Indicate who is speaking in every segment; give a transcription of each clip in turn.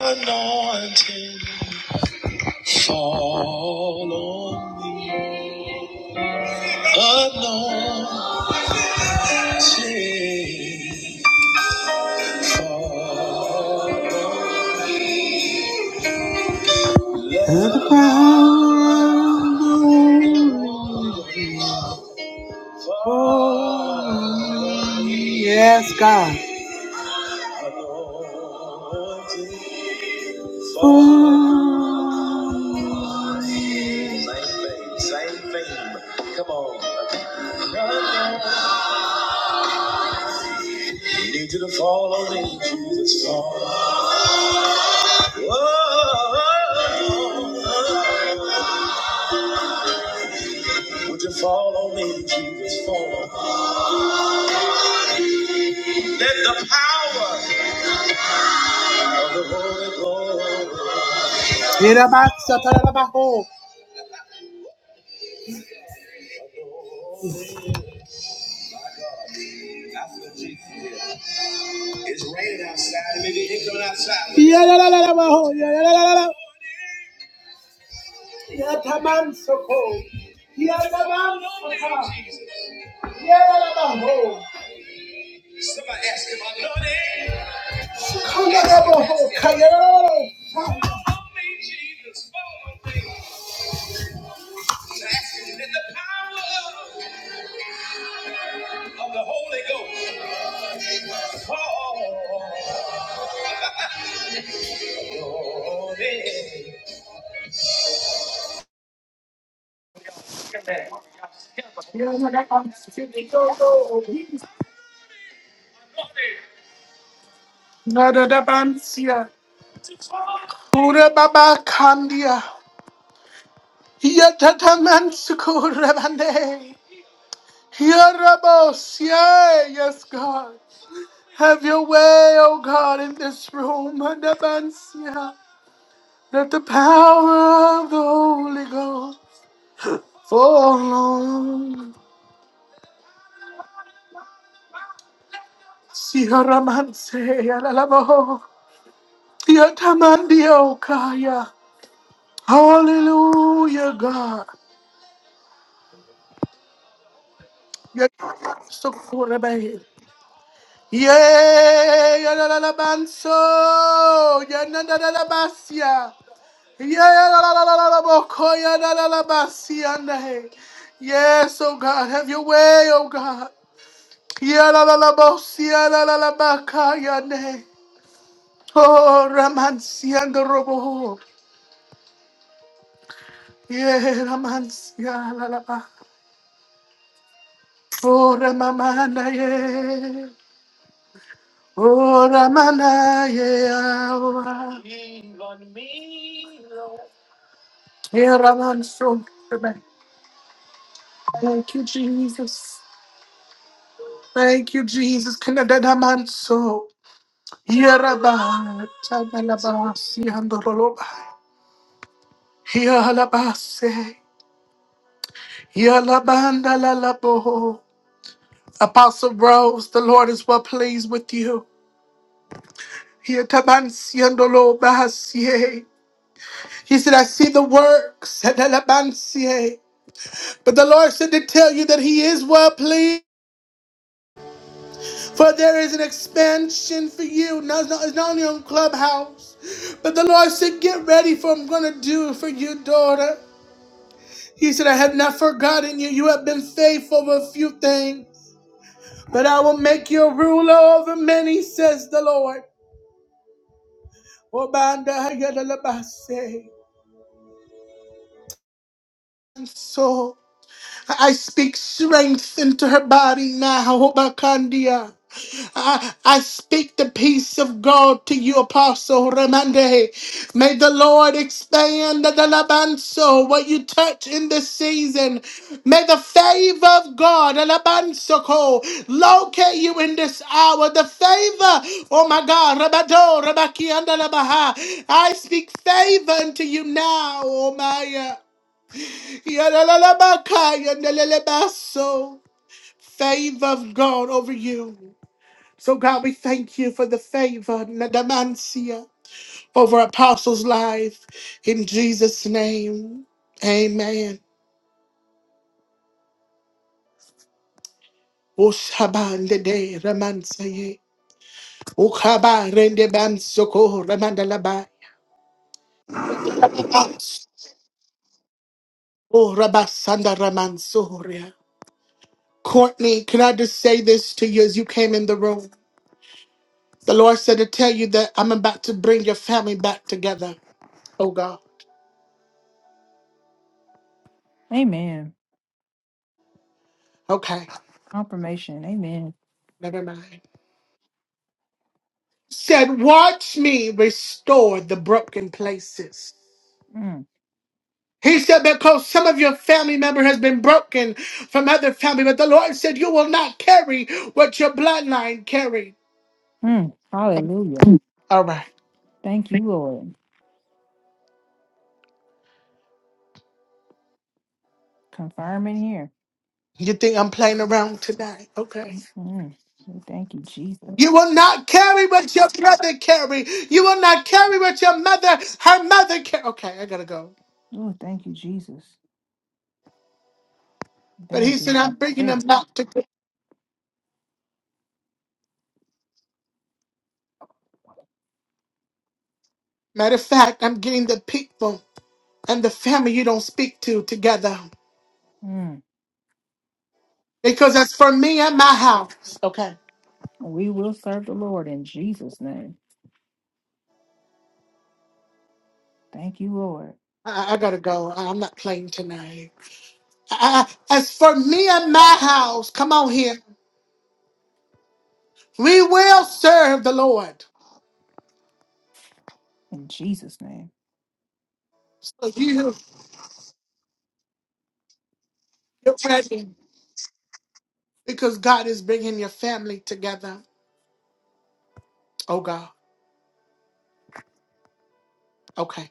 Speaker 1: Anointing, fall on me. Anointing, fall on me. Let the power of the Lord fall on me. Yes, God. Anointing. Ooh. Same thing, same thing. Come on. I Need you to fall on me, Jesus. Fall. Whoa. Would you fall on me, Jesus? Fall. Let the power of the Holy Ghost. Irabatsatarabaho. That's what Jesus did. It's raining outside, and maybe it ain't coming outside. Yeah, la, la, la, la, la, ho, yeah, la, la, la, la. Yataman Soko. Yataman Soko. Yataman Somebody ask him, I know that. Kayarabaho. Kayarabaho. Jesus, follow me. To ask him that the power of the Holy Ghost fall in. Nadadabansia. Kura Baba Kandia. Yatataman Soko Rabande. Yarabos, yeah, yes, God. Have your way, oh God, in this room. Adabansia. Let the power of the Holy Ghost fall on. Siharamanse, yalalabo. Yatamandio kaya. Hallelujah, God. Yatamansokurebe. Yeah, yalalabanso. Yanadalabasia. Yes, oh God, have your way, oh God. Yalalalabosia Oh, Ramansian the Robo. Yeah, Ramansia Lalaba. Oh, Ramamana, yeah. Oh, Ramana, yeah. Yeah, Ramanso. Thank you, Jesus. Thank you, Jesus. Kanadadamanso. Yaraba. Tabalabasi andoroloba. Yalabase. Yalabandalalabo. Apostle Rose, the Lord is well pleased with you. Yatabansi andolobasie. He said, I see the works. Adalabansie. But the Lord said to tell you that He is well pleased. For there is an expansion for you. No, it's not, it's not only on Clubhouse. But the Lord said, Get ready for I'm going to do for you, daughter. He said, I have not forgotten you. You have been faithful over a few things. But I will make you a ruler over many, says the Lord. And so I speak strength into her body now. I, I speak the peace of God to you, Apostle Ramande. May the Lord expand the Labanso, what you touch in this season. May the favor of God, Alabanso, ko, locate you in this hour. The favor, oh my God, Rabado, Rabaki, and Alabaha. I speak favor unto you now, oh my. Yalalabakaya, Nalelebaso. Favor of God over you. So, God, we thank you for the favor, Nadamansia, over Apostles' life. In Jesus' name, amen. Ushabandede ramansaye. Ukabarende bansoko ramandalabai. Oh, Rabasanda Ramansoria. Courtney, can I just say this to you as you came in the room? The Lord said to tell you that I'm about to bring your family back together. Oh, God.
Speaker 2: Amen.
Speaker 1: Okay.
Speaker 2: Confirmation. Amen.
Speaker 1: Never mind. said, Watch me restore the broken places.
Speaker 2: Mm.
Speaker 1: He said, because some of your family member has been broken from other family, but the Lord said, you will not carry what your bloodline carried.
Speaker 2: Mm. Hallelujah.
Speaker 1: All right.
Speaker 2: Thank you, Lord. Confirming here.
Speaker 1: You think I'm playing around tonight? Okay.
Speaker 2: Mm. Oh, Thank you,
Speaker 1: You
Speaker 2: Jesus.
Speaker 1: will not carry what your brother carried. You will not carry what your mother, her mother carried. Okay, I gotta go.
Speaker 2: Oh, thank you, Jesus. That
Speaker 1: But he
Speaker 2: has
Speaker 1: said,
Speaker 2: been my
Speaker 1: I'm bringing them
Speaker 2: prayer.
Speaker 1: back to. Matter of fact, I'm getting the people and the family you don't speak to together.
Speaker 2: Mm.
Speaker 1: Because as for me and my house. Okay.
Speaker 2: We will serve the Lord in Jesus' name. Thank you, Lord.
Speaker 1: I, I gotta go. I- I'm not playing tonight. I, I- as for me and my house, come on here. We will serve the Lord.
Speaker 2: In Jesus' name.
Speaker 1: So you get ready because God is bringing your family together. Oh God. Okay.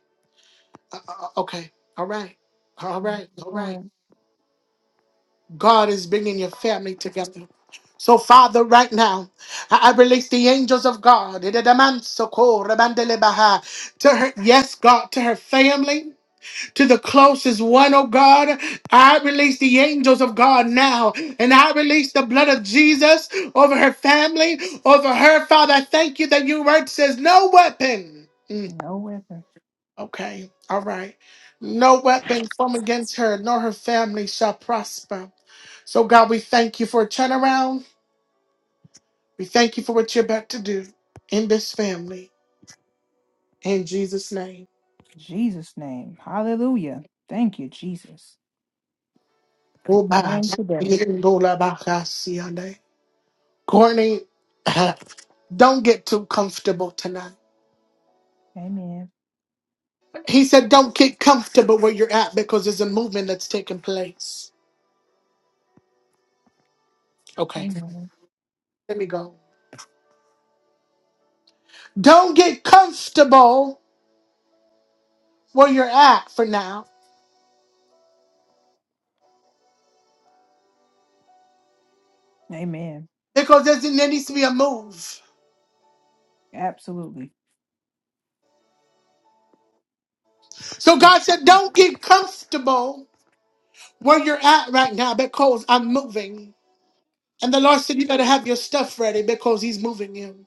Speaker 1: Uh, uh, uh, okay. All right. All right. All right.
Speaker 2: Lord,
Speaker 1: God is bringing your family together. So, Father, right now, I I release the angels of God to her, yes, God, to her family, to the closest one, oh God. I release the angels of God now, and I release the blood of Jesus over her family, over her, Father. I thank you that your word says, No weapon.
Speaker 2: no weapon.
Speaker 1: Okay, all right. No weapon formed against her nor her family shall prosper. So, God, we thank you for a turnaround. We thank you for what you're about to do in this family. In Jesus' name.
Speaker 2: Jesus' name. Hallelujah. Thank you, Jesus.
Speaker 1: Oba,
Speaker 2: Confirm today.
Speaker 1: Ndola Baka Siande. Courtney, don't get too comfortable tonight.
Speaker 2: Amen.
Speaker 1: He said, don't get comfortable where you're at because there's a movement that's taking place. Okay,
Speaker 2: Amen.
Speaker 1: let me go. Don't get comfortable where you're at for now
Speaker 2: Amen.
Speaker 1: because there's, there needs to be a move.
Speaker 2: Absolutely.
Speaker 1: So God said,
Speaker 2: Absolutely.
Speaker 1: don't get comfortable where you're at right now because I'm moving. And the Lord said, you better have your stuff ready because he's moving you.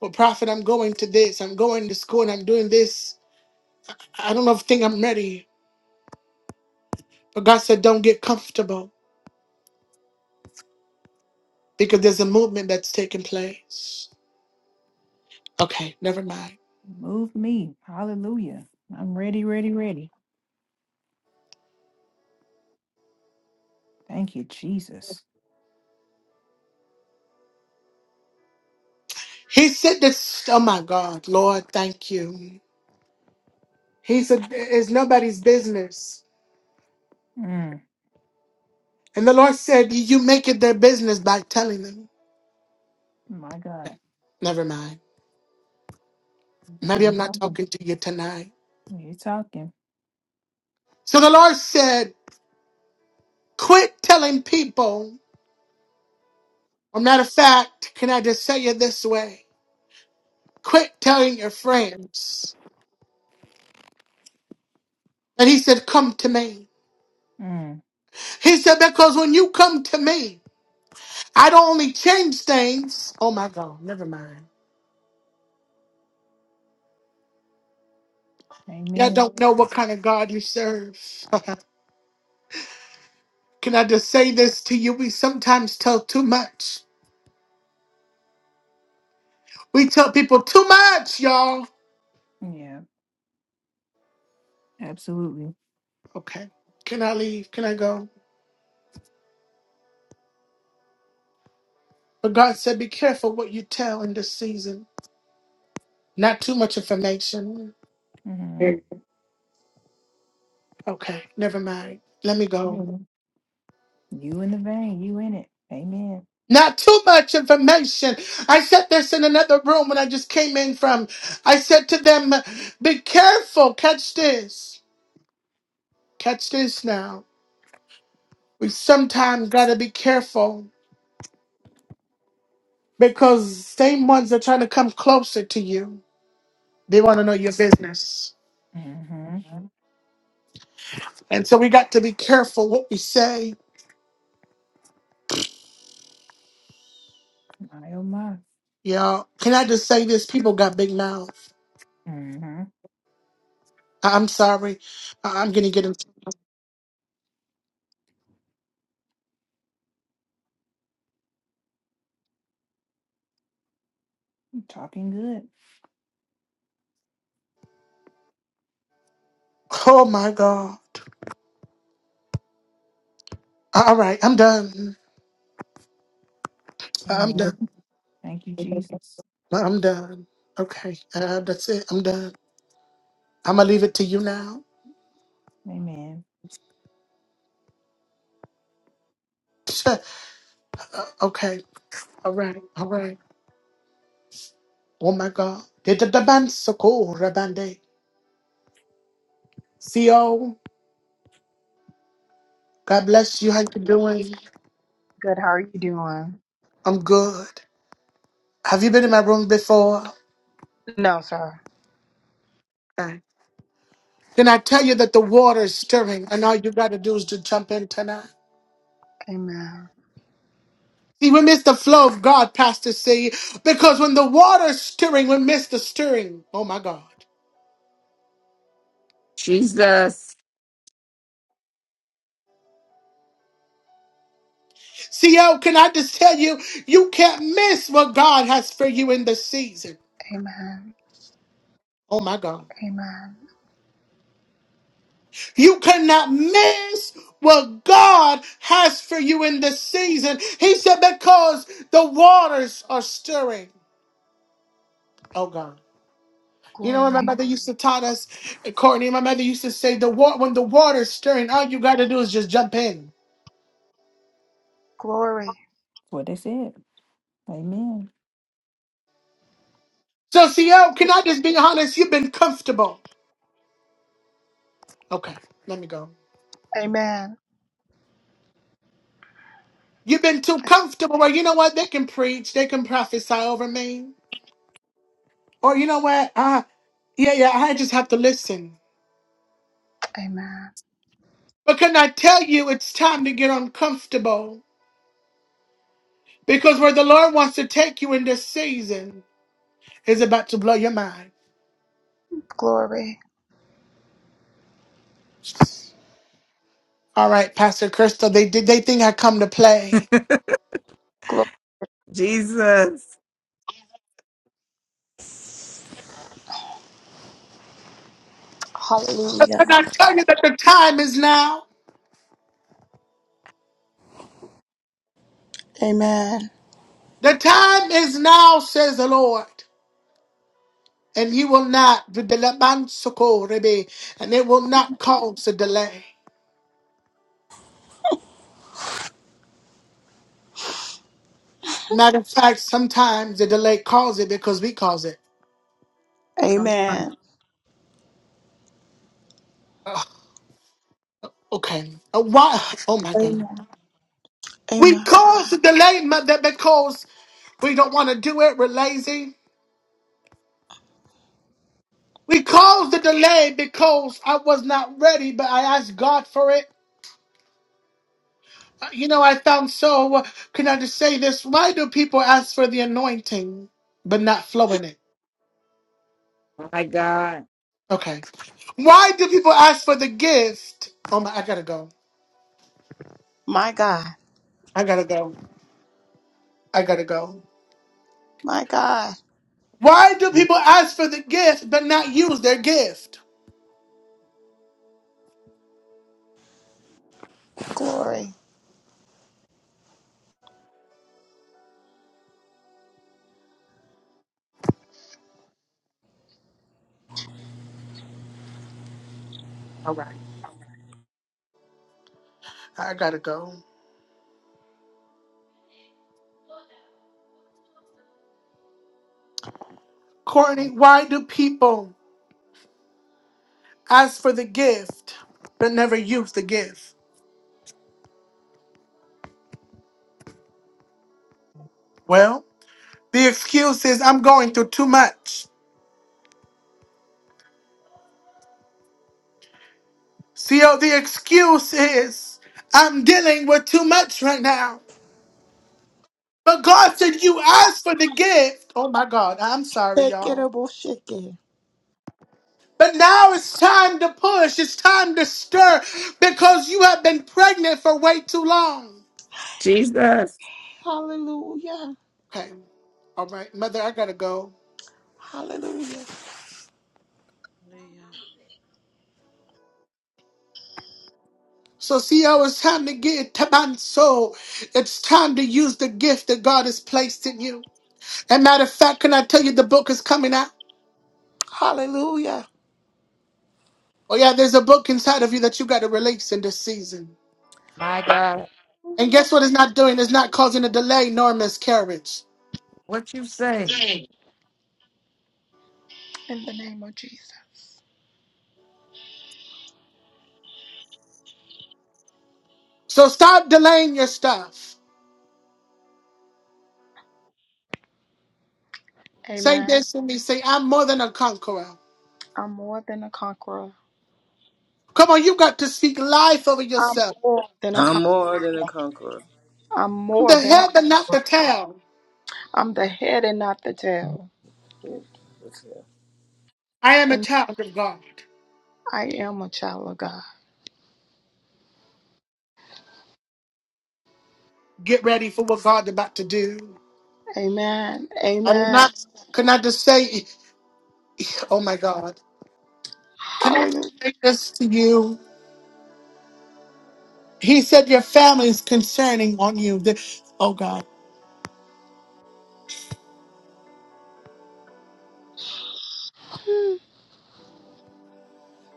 Speaker 1: Well, prophet, I'm going to this. I'm going to school and I'm doing this. I don't know if think I'm ready. But God said, don't get comfortable because there's a movement that's taking place. Okay, never mind.
Speaker 2: Move me. Hallelujah. I'm ready, ready, ready. Thank you, Jesus.
Speaker 1: He said this, oh my God, Lord, thank you. He said, it's nobody's business
Speaker 2: Mm,
Speaker 1: And the Lord said, You make it their business by telling them.
Speaker 2: my God.
Speaker 1: Never mind.
Speaker 2: Are
Speaker 1: Maybe
Speaker 2: you
Speaker 1: I'm not
Speaker 2: talking?
Speaker 1: talking to you tonight.
Speaker 2: You're talking.
Speaker 1: So the Lord said, Quit telling people. Or, matter of fact, can I just say it this way? Quit telling your friends. And He said, Come to me.
Speaker 2: Mm,
Speaker 1: He said, Because when you come to me, I don't only change things. Oh my God, never mind. Y'all
Speaker 2: amen.
Speaker 1: don't know what kind of God you serve. can I just say this to you? We sometimes tell too much. We tell people too much, y'all.
Speaker 2: Yeah, absolutely.
Speaker 1: Okay. Can I leave? Can I go? But God said, be careful what you tell in this season. Not too much information.
Speaker 2: hmm
Speaker 1: Okay. Never mind. Let me go.
Speaker 2: You in the vein. You in it. Amen.
Speaker 1: Not too much information. I said this in another room when I just came in from. I said to them, be careful. Catch this. Catch this now. We sometimes got to be careful because same ones are trying to come closer to you. They want to know your business.
Speaker 2: hmm
Speaker 1: And so we got to be careful what we say.
Speaker 2: My oh my.
Speaker 1: Yeah. Can I just say this? People got big mouths.
Speaker 2: hmm
Speaker 1: I- I'm sorry. I- I'm gonna get in.
Speaker 2: Talking good.
Speaker 1: Oh my God. All right. I'm done. Uh, I'm
Speaker 2: Amen.
Speaker 1: done.
Speaker 2: Thank you, Jesus.
Speaker 1: Uh, I'm done. Okay. Uh, that's it. I'm done. I'm gonna leave it to you now.
Speaker 2: Amen.
Speaker 1: Uh, okay. All right. All right. Oh my God. Did the the band so cool, Rabande? Co. God bless you. How you doing?
Speaker 3: Good. How are you doing?
Speaker 1: I'm good. Have you been in my room before?
Speaker 3: No, sir.
Speaker 1: Okay. Then I tell you that the water is stirring, and all you got to do is to jump in tonight.
Speaker 3: Amen.
Speaker 1: See, we miss the flow of God, Pastor C, because when the water's stirring, we miss the stirring. Oh my God.
Speaker 4: Jesus,
Speaker 1: CO, can I just tell you, you can't miss what God has for you in this season.
Speaker 3: Amen.
Speaker 1: Oh my God.
Speaker 3: Amen.
Speaker 1: You cannot miss what God has for you in this season. He said, because the waters are stirring. Oh God. You know what my
Speaker 3: Glory.
Speaker 1: mother used to taught us, Courtney. My mother used to say, "The water when the water's stirring, all you got to do is just jump in."
Speaker 3: Glory.
Speaker 2: That's what they said. Amen.
Speaker 1: So, CL, can I just be honest? You've been comfortable. Okay, let me go.
Speaker 3: Amen.
Speaker 1: You've been too comfortable. Where you know what they can preach, they can prophesy over me, or you know what? Uh, yeah, yeah. I just have to listen.
Speaker 3: Amen.
Speaker 1: But can I tell you, it's time to get uncomfortable because where the Lord wants to take you in this season is about to blow your mind.
Speaker 3: Glory.
Speaker 1: All right, Pastor Crystal. They did. They think I come to play.
Speaker 3: Glory.
Speaker 4: Jesus,
Speaker 1: And
Speaker 3: Hallelujah.
Speaker 1: I tell you that the time is now.
Speaker 3: Amen.
Speaker 1: The time is now, says the Lord. And you will not, and it will not cause a delay. Matter of fact, sometimes the delay causes it because we cause it.
Speaker 4: come on,
Speaker 3: Amen.
Speaker 1: Ugh, okay. Uh, why? Oh my God.
Speaker 3: Amen.
Speaker 1: We
Speaker 3: Amen.
Speaker 1: cause the delay mother, because we don't want to do it. We're lazy. We caused the delay because I was not ready, but I asked God for it. Uh, You know, I found so, uh, can I just say this? Why do people ask for the anointing but not flow in it?
Speaker 4: my God,
Speaker 1: Okay. Why do people ask for the gift? Oh my, I gotta go.
Speaker 3: My God.
Speaker 1: I gotta go. I gotta go.
Speaker 3: My God.
Speaker 1: Why do people ask for the gift but not use their gift?
Speaker 3: Glory.
Speaker 1: All right. I gotta go. Courtney, why do people ask for the gift but never use the gift? Well, the excuse is I'm going through too much. See how the excuse is I'm dealing with too much right now. But God said you asked for the gift. Oh my God, I'm sorry,
Speaker 3: Take it
Speaker 1: y'all.
Speaker 3: a bullshit.
Speaker 1: But now it's time to push. It's time to stir because you have been pregnant for way too long.
Speaker 4: Jesus,
Speaker 3: Hallelujah.
Speaker 1: Okay, all right, mother, I gotta go.
Speaker 3: Hallelujah.
Speaker 5: Hallelujah.
Speaker 1: So, see how it's time to get tabanso. It's time to use the gift that God has placed in you. And matter of fact, can I tell you the book is coming out?
Speaker 3: Hallelujah.
Speaker 1: Oh yeah, there's a book inside of you that you got to release in this season.
Speaker 4: my God,
Speaker 1: And
Speaker 3: Hallelujah.
Speaker 1: guess what it's not doing? It's not causing a delay nor miscarriage.
Speaker 4: what you say?
Speaker 3: In the name of Jesus.
Speaker 1: So stop delaying your stuff. Say
Speaker 3: Amen.
Speaker 1: this to me. Say, I'm more than a conqueror.
Speaker 3: I'm more than a conqueror.
Speaker 1: Come on, you got to speak life over
Speaker 3: I'm
Speaker 1: yourself.
Speaker 3: more than a conqueror.
Speaker 6: I'm more than a conqueror.
Speaker 3: I'm
Speaker 1: I'm
Speaker 3: more
Speaker 1: the
Speaker 3: than a
Speaker 1: head but not
Speaker 3: conqueror.
Speaker 1: the tail.
Speaker 3: I'm the head and not the tail.
Speaker 6: Yeah, that's it.
Speaker 1: I am a
Speaker 3: And
Speaker 1: child of God.
Speaker 3: I am a child of God.
Speaker 1: Get ready for what God's about to do.
Speaker 3: Amen.
Speaker 1: I did
Speaker 3: Amen.
Speaker 1: not, could not just say, oh my God. Can I
Speaker 3: Hallelujah.
Speaker 1: say this to you? He said your family is concerning on you. The- oh God.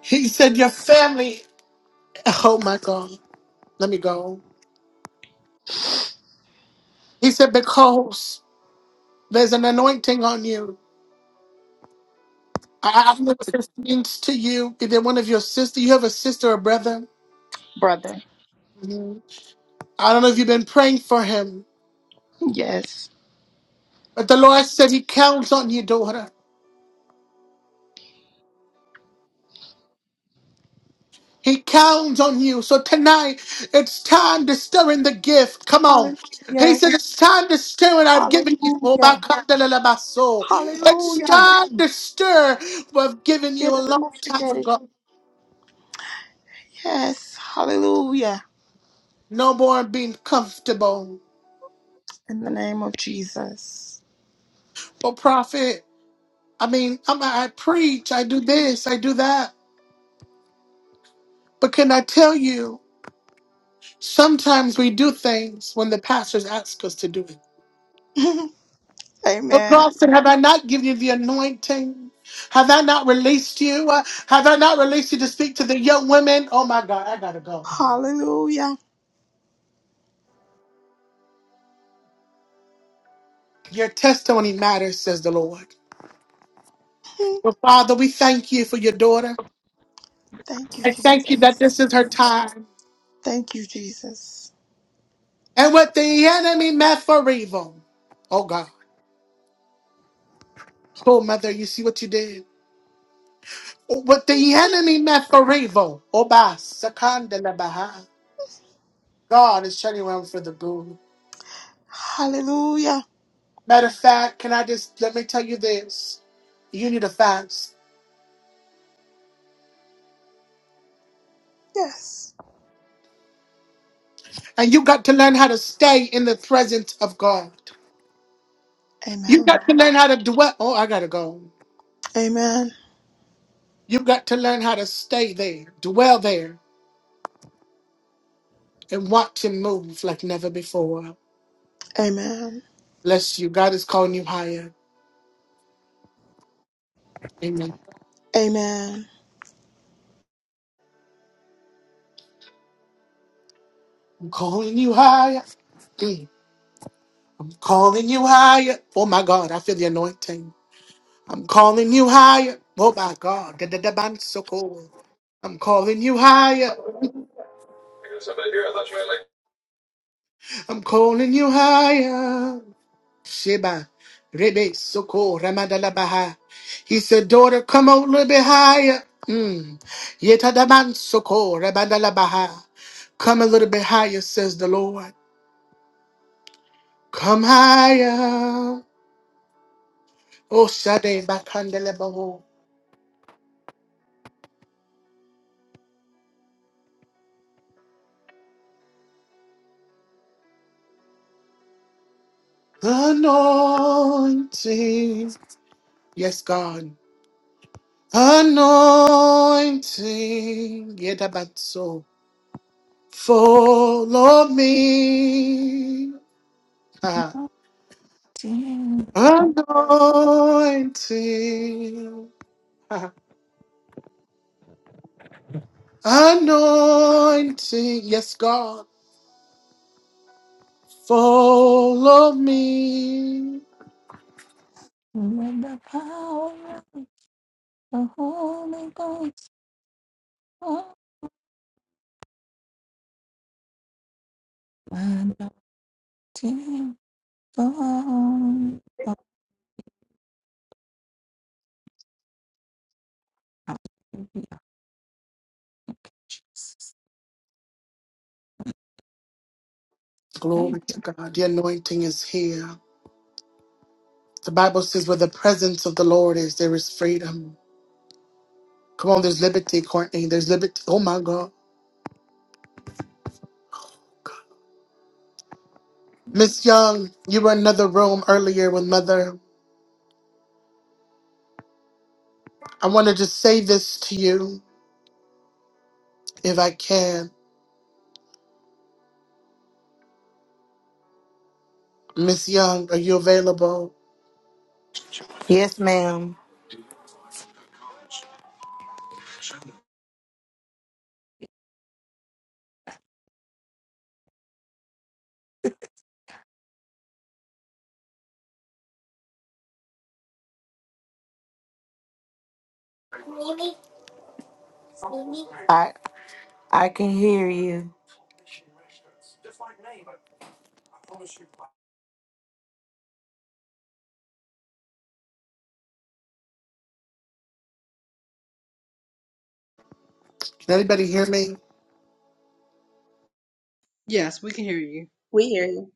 Speaker 1: He said your family, oh my God. Let me go. He said, Because there's an anointing on you. I- I've never listened to you. Either one of your sister, you have a sister or brother.
Speaker 3: Brother.
Speaker 1: Mhm. I don't know if you've been praying for him,
Speaker 3: Yes.
Speaker 1: but the Lord said he counts on you, daughter. He counts on you. So tonight, it's time to stir in the gift. Come on. He
Speaker 3: Hallelujah.
Speaker 1: said, It's time to stir what I've given you. Oh, my
Speaker 3: Hallelujah.
Speaker 1: God, la, la, la, my soul. It's
Speaker 3: Hallelujah.
Speaker 1: time to stir what I've given
Speaker 3: Get
Speaker 1: you a
Speaker 3: it,
Speaker 1: long
Speaker 3: double
Speaker 1: time
Speaker 3: get it.
Speaker 1: ago.
Speaker 3: Yes. Hallelujah.
Speaker 1: No more being comfortable.
Speaker 3: In the name of Jesus.
Speaker 1: Oh, prophet. I mean, I'm, I preach, I do this, I do that. But can I tell you, sometimes we do things when the pastors ask us to do it. But
Speaker 3: Amen.
Speaker 1: God said, Have I not given you the anointing? Have I not released you? Uh, Have I not released you to speak to the young women? Oh my God, I gotta go.
Speaker 3: Hallelujah.
Speaker 1: Your testimony matters, says the Lord. Well, Father, we thank you for your daughter.
Speaker 3: Thank you,
Speaker 1: I thank
Speaker 3: Jesus.
Speaker 1: you that this is her time.
Speaker 3: Thank you, Jesus.
Speaker 1: And what the enemy meant for evil. Oh God. Oh, Mother, you see what you did? What the enemy meant for evil, Oba Sakandalabaha. God is turning around for the good.
Speaker 3: Hallelujah.
Speaker 1: Matter of fact, can I just let me tell you this? You need a fast.
Speaker 3: Yes.
Speaker 1: And you got to learn how to stay in the presence of God. You
Speaker 3: Amen.
Speaker 1: got to learn how to dwell. Oh, I gotta go.
Speaker 3: Amen.
Speaker 1: You got to learn how to stay there, dwell there, and watch him move like never before.
Speaker 3: Amen.
Speaker 1: Bless you. God is calling you higher. Amen.
Speaker 3: Amen.
Speaker 1: I'm calling you higher. Mm. Calling you higher. Oh my God, I feel the anointing. I'm calling you higher. Oh my God. Da-da-da-ban, so cool. I'm calling you higher.
Speaker 7: There's somebody here. I thought you had like.
Speaker 1: I'm calling you higher. Sheba. Rebe Soko Ramadala baha. He said, Daughter, come a little bit higher. Mm. Yetadaban Soko Rabadala baha. Come a little bit higher, says the Lord. Come higher. Oh Shade Bakandelebaho. Anointing. Yes, God. Anointing. Yedabatso. Follow me. Ah.
Speaker 4: Nothing
Speaker 1: Anointing. Ah. Anointing. Yes, God. Follow me.
Speaker 4: with the power of the Holy Ghost, oh, my nothing
Speaker 1: Glory
Speaker 4: Thank you.
Speaker 1: to God. The anointing is here. The Bible says where the presence of the Lord is, there is freedom. Come on, there's liberty, Courtney. There's liberty. Oh my God. Miss Young, you were in another room earlier with Mother. I want to just say this to you, if I can. Miss Young, are you available?
Speaker 7: Yes, ma'am. I I can hear you.
Speaker 1: Can anybody hear me?
Speaker 5: Yes, we can hear you.
Speaker 8: We hear you.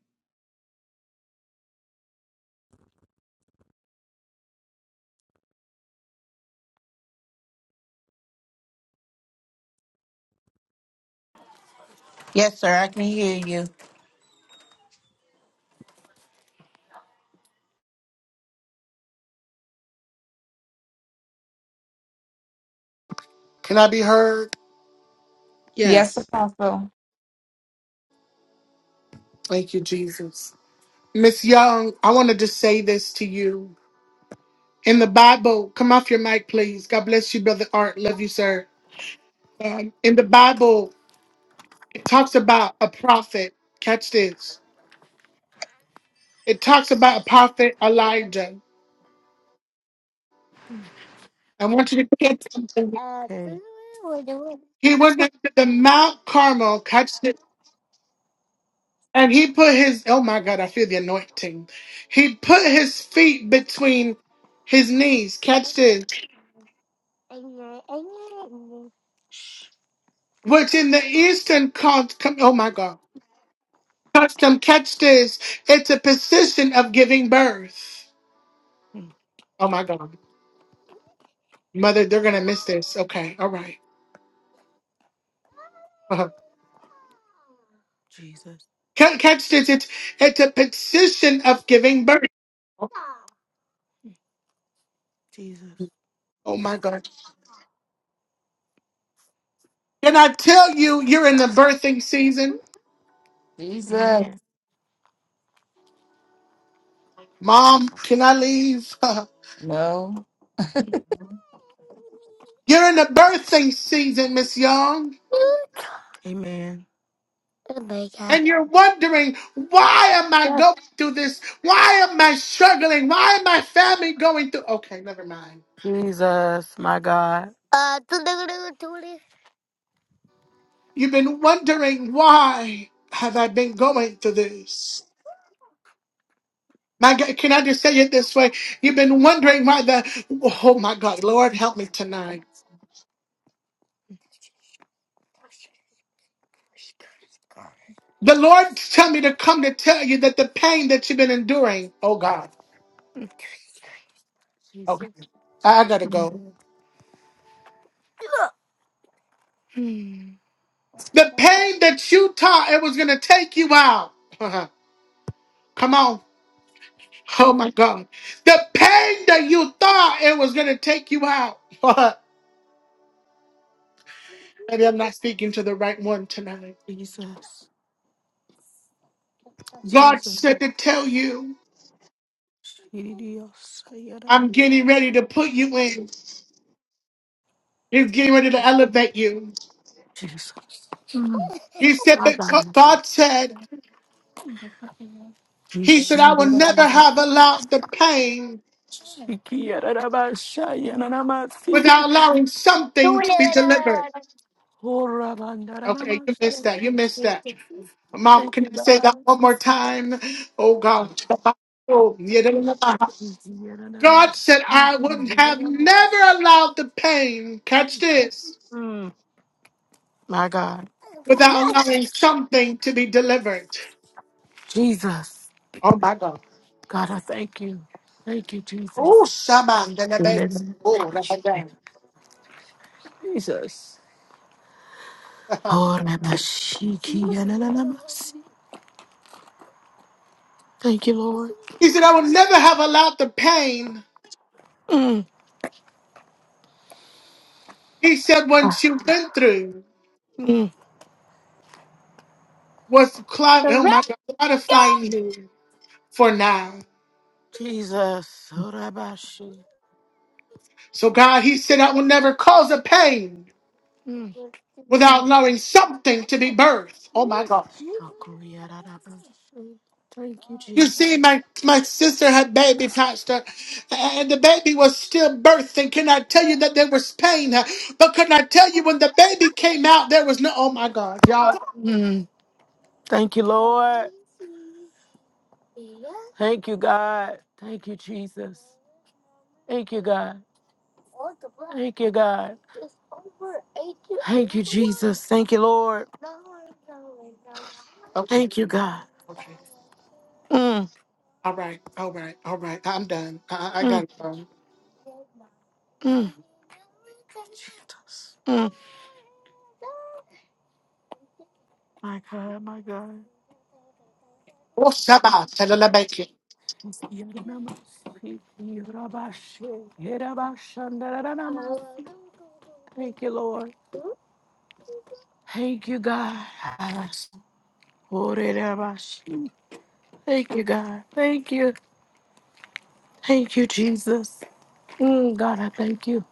Speaker 7: Yes, sir. I can hear you.
Speaker 1: Can I be heard?
Speaker 4: Yes,
Speaker 5: Yes.
Speaker 4: Apostle,
Speaker 1: Thank you, Jesus. Miss Young, I want to just say this to you. In the Bible, come off your mic, please. God bless you, Brother Art. Love you, sir. Um, in the Bible, it talks about a prophet. Catch this. It talks about a prophet Elijah. I want you to catch something. here.
Speaker 7: Okay.
Speaker 1: He went up to the Mount Carmel, catch it, and he put his oh my god, I feel the anointing. He put his feet between his knees, catch this, which in the Eastern cult, com- oh my god, custom, catch this, it's a position of giving birth.
Speaker 7: Mm,
Speaker 1: Oh my god, mother, they're gonna miss this. Okay, all right. Uh-huh.
Speaker 7: Jesus,
Speaker 1: Ca- Catch this, it's, it's a position of giving birth.
Speaker 7: Jesus.
Speaker 1: Oh my god. Can I tell you, you're in the birthing season?
Speaker 4: Jesus,
Speaker 7: Amen.
Speaker 1: Mom, can I leave?
Speaker 4: no,
Speaker 1: you're in the birthing season, Miss Young.
Speaker 7: Amen.
Speaker 1: And you're wondering, why am I going through this? Why am I struggling? Why am my family going through? Okay, never mind.
Speaker 7: Jesus, my God.
Speaker 1: You've been wondering, why have I been going through this? My God, can I just say it this way? You've been wondering why the, oh my God, Lord, help me tonight. The Lord tell me to come to tell you that the pain that you've been enduring, oh God. Okay. I gotta go. The pain that you taught it was gonna take you out. Come on. Oh my God. The pain that you thought it was gonna take you out. Maybe I'm not speaking to the right one tonight.
Speaker 7: Jesus,
Speaker 1: God
Speaker 7: Jesus.
Speaker 1: said to tell you,
Speaker 7: Jesus.
Speaker 1: I'm getting ready to put you in. He's getting ready to elevate you.
Speaker 7: Jesus.
Speaker 1: He said that God said, He said, I will never have allowed the pain
Speaker 7: Yishantikiyaranamashayanaramasi.
Speaker 1: without allowing something to be delivered. Okay, you
Speaker 7: Horabandaranamashi.
Speaker 1: missed that. You missed that. Mom,
Speaker 7: Thank
Speaker 1: can
Speaker 7: you,
Speaker 1: I say
Speaker 7: God.
Speaker 1: that one more time? Oh God. God
Speaker 7: Yikiyaranamashi.
Speaker 1: said I wouldn't have
Speaker 7: Yikiyaranamashi.
Speaker 1: never allowed the pain, catch this,
Speaker 7: Mm, My God.
Speaker 1: without allowing something to be delivered.
Speaker 7: Jesus.
Speaker 1: Oh my God.
Speaker 7: God, I thank you. Thank you,
Speaker 1: Oh
Speaker 7: Jesus.
Speaker 1: Shaman then
Speaker 7: Amen.
Speaker 1: Oh Ramadan.
Speaker 7: Jesus. Oh, na- na- shi- ki- ya- si. Thank you, Lord.
Speaker 1: He said I would never have allowed the pain.
Speaker 7: Mm.
Speaker 1: He said
Speaker 7: Ah.
Speaker 1: what you went through
Speaker 7: Mm.
Speaker 1: was cloud oh my God, cloudifying you for now.
Speaker 7: Jesus. Oh, na- ba- shi.
Speaker 1: So God, he said I will never cause a pain
Speaker 7: Mm.
Speaker 1: without allowing something to be birthed. Oh my God.
Speaker 7: Shaku- ya- Thank you,
Speaker 1: You
Speaker 7: Jesus.
Speaker 1: see, my, my sister had baby, Pastor, and the baby was still birthing. Can I tell you that there was pain? But can I tell you when the baby came out, there was no, oh my God, y'all.
Speaker 7: Mm. Thank you, Lord. Thank you, God. Thank you, Jesus. Thank you, God. Thank you, God. Thank you, Jesus. Thank you, Lord.
Speaker 1: Okay,
Speaker 7: Thank you, God.
Speaker 1: okay.
Speaker 7: Mm,
Speaker 1: All right, all right, all right. I'm done. I, I I got
Speaker 7: mm,
Speaker 1: it. um,
Speaker 7: mm. Mm. My God, my God.
Speaker 1: Oh, Shabbat, Shalalabakia.
Speaker 7: Yadanamas- Yorabashe- Yerabashandaranamas. Thank you, Lord. Thank you, God. Orerabashe. Thank you, God. Thank you. Thank you, Jesus. Mm, God, I thank you.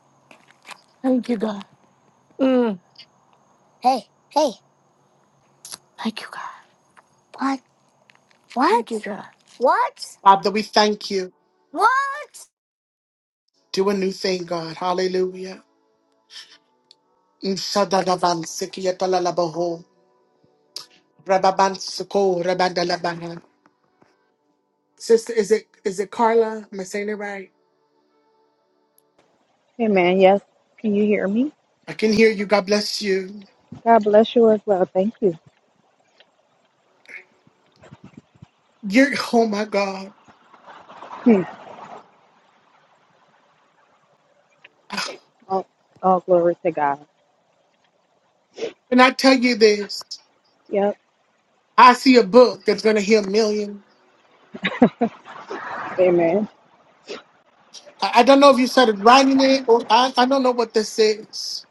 Speaker 7: Thank you, God. Mm, thank you, God. What? Thank you, God.
Speaker 1: Father, we thank you. Do a new thing, God. Hallelujah. Mm, Shadadavan, Sikiyatalalabahol. Rababansuko, Rabandalabahan. Sister, is it is it Carla? Am I saying it right?
Speaker 9: Amen. yes. Can you hear me?
Speaker 1: I can hear you. God bless you.
Speaker 9: God bless you as well. Thank you.
Speaker 1: You're oh my God.
Speaker 9: Hmm. All, all glory to God.
Speaker 1: Can I tell you this?
Speaker 9: Yep.
Speaker 1: I see a book that's gonna heal a million.
Speaker 9: Amen.
Speaker 1: I, I don't know if you started writing it or I, I don't know what this is.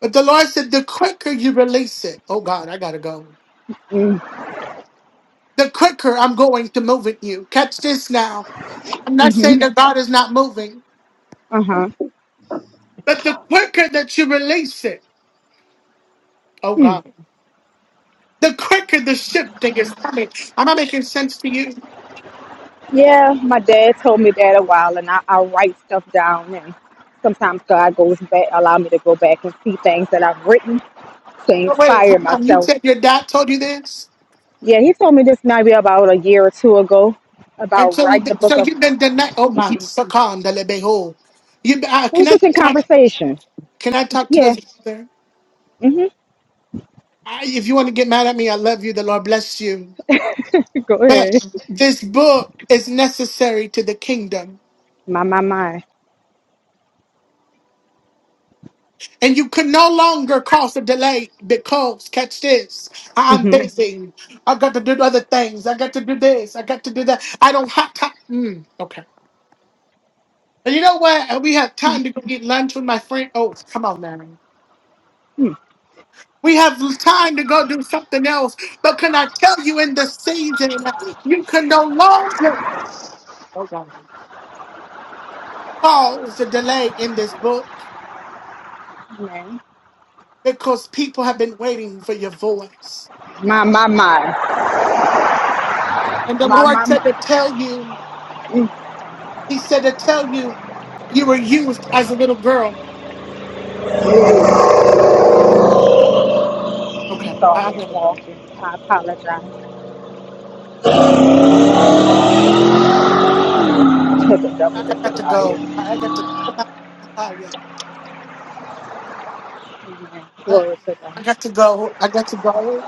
Speaker 1: But the Lord said the quicker you release it, oh God, I gotta go.
Speaker 9: Mm,
Speaker 1: The quicker I'm going to move at you. Catch this now. I'm not
Speaker 9: mm-hmm.
Speaker 1: saying that God is not moving,
Speaker 9: Uh-huh.
Speaker 1: but the quicker that you release it, oh
Speaker 9: Hmm.
Speaker 1: God, the quicker the shifting is coming. Am I making sense to you?
Speaker 9: Yeah, my dad told me that a while and I, I write stuff down and sometimes God goes back allow me to go back and see things that I've written to
Speaker 1: So wait,
Speaker 9: inspire
Speaker 1: hold on! you
Speaker 9: myself.
Speaker 1: said your dad told you this,
Speaker 9: Yeah, he told me this maybe about a year or two ago
Speaker 1: and
Speaker 9: about
Speaker 1: so you
Speaker 9: writing a
Speaker 1: so
Speaker 9: book of
Speaker 1: you've been denied. Oh my, Sakam, the lebeho. You uh,
Speaker 9: it was
Speaker 1: can I
Speaker 9: just in
Speaker 1: talk?
Speaker 9: conversation.
Speaker 1: Can I talk to you
Speaker 9: Yeah.
Speaker 1: as a brother?
Speaker 9: Mm-hmm.
Speaker 1: I, if you want to get mad at me, I love you. The Lord bless you.
Speaker 9: Go ahead.
Speaker 1: But this book is necessary to the kingdom.
Speaker 9: My my my.
Speaker 1: And you can no longer cause a delay because, catch this, I'm
Speaker 9: Mm-hmm.
Speaker 1: busy. I got to do other things. I got to do this. I got to do that. I don't have time. Mm, okay. And you know what? And We have time to go get lunch with my friend Oh, Come on, man. We have time to go do something else. But can I tell you in this season, you can no longer cause a delay in this book because people have been waiting for your voice.
Speaker 9: My, my, my.
Speaker 1: And the
Speaker 9: My,
Speaker 1: Lord
Speaker 9: my,
Speaker 1: said to
Speaker 9: my.
Speaker 1: tell you,
Speaker 9: Mm,
Speaker 1: He said to tell you, you were used as a little girl. Okay, I I
Speaker 9: Sorry, I'm
Speaker 1: gotta go.
Speaker 9: walking. I apologize to the
Speaker 1: I
Speaker 9: devil
Speaker 1: I
Speaker 9: in
Speaker 1: got
Speaker 9: the
Speaker 1: to go.
Speaker 9: audience.
Speaker 1: I I got to go. I'm not gonna tell you.
Speaker 9: Amen.
Speaker 1: I
Speaker 9: Glory to God.
Speaker 1: got to go. I got to go.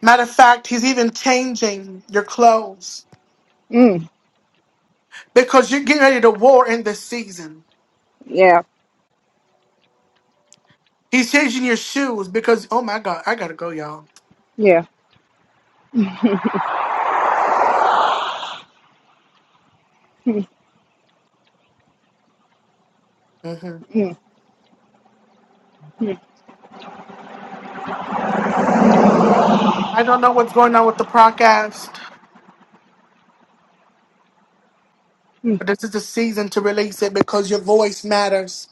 Speaker 1: Matter of fact, he's even changing your clothes
Speaker 9: Mm,
Speaker 1: because you're getting ready to war in this season.
Speaker 9: yeah,
Speaker 1: He's changing your shoes because, oh my God, I gotta go, y'all.
Speaker 9: yeah.
Speaker 1: hmm
Speaker 9: Mm, mm,
Speaker 1: I don't know what's going on with the podcast,
Speaker 9: mm.
Speaker 1: but this is the season to release it because your voice matters.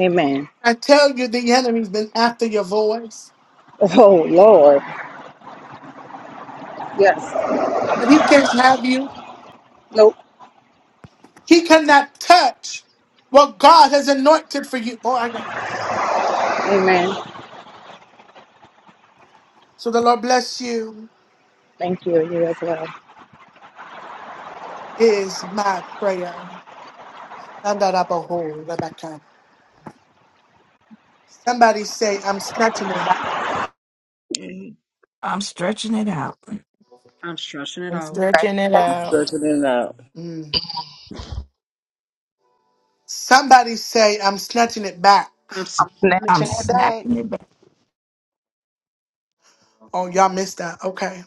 Speaker 9: Amen.
Speaker 1: I tell you, the enemy's been after your voice,
Speaker 9: Oh, Lord. Yes.
Speaker 1: and he can't have you.
Speaker 9: Nope.
Speaker 1: He cannot touch what God has anointed for you. Oh, I got it.
Speaker 9: Amen.
Speaker 1: So the Lord bless you
Speaker 9: Thank you. You as well.
Speaker 1: is my prayer. Somebody say, I'm snatching it back.
Speaker 10: Yeah.
Speaker 4: I'm stretching it out,
Speaker 5: I'm stretching it
Speaker 7: I'm
Speaker 5: out.
Speaker 7: stretching it
Speaker 6: I'm
Speaker 7: out.
Speaker 6: stretching it out.
Speaker 1: Mm. Somebody say, I'm snatching it back.
Speaker 5: I'm s-
Speaker 3: I'm
Speaker 4: I'm
Speaker 3: snatching it back.
Speaker 4: snapping it back,
Speaker 1: Oh, y'all missed that. Okay.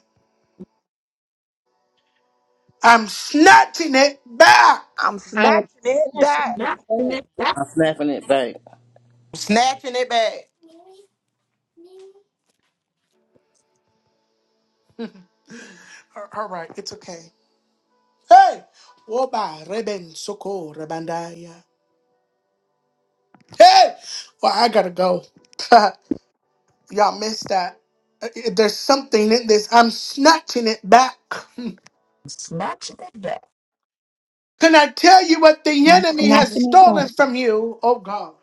Speaker 1: I'm snatching it back.
Speaker 3: I'm snatching it
Speaker 4: I'm
Speaker 3: back.
Speaker 4: snapping it back,
Speaker 6: I'm snapping it back.
Speaker 7: Snatching it back.
Speaker 1: A- All right. It's okay. Hey. Oba reben soko rebandaya. Hey. Well, I got to go. y'all missed that. Uh, There's something in this. I'm snatching it back. Can
Speaker 4: I'm snatching it back,
Speaker 1: I tell you what the
Speaker 11: I'm
Speaker 1: enemy
Speaker 11: smacking
Speaker 1: has
Speaker 11: it
Speaker 1: stolen
Speaker 11: back.
Speaker 1: from you? Oh, God.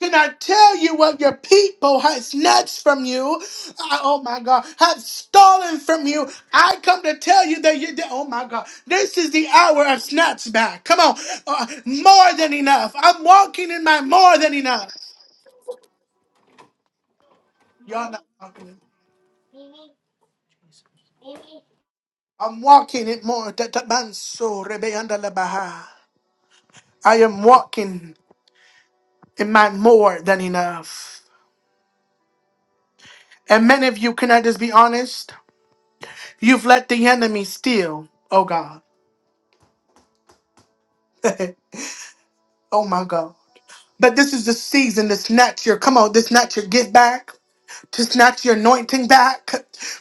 Speaker 1: Can I tell you what your people has snatched from you? Uh, oh my God, have stolen from you. I come to tell you that you. That, oh my God, this is the hour of snatch back. Come on, uh, more than enough. I'm walking in my more than enough. Y'all not walking. in- I'm walking it more. Ta- ta- man, so, rebe, anda, la, baha. I am walking in my more than enough. And many of you, can I just be honest? You've let the enemy steal. Oh God. Oh my God. But this is the season to snatch your, come on, to snatch your get back, to snatch your anointing back.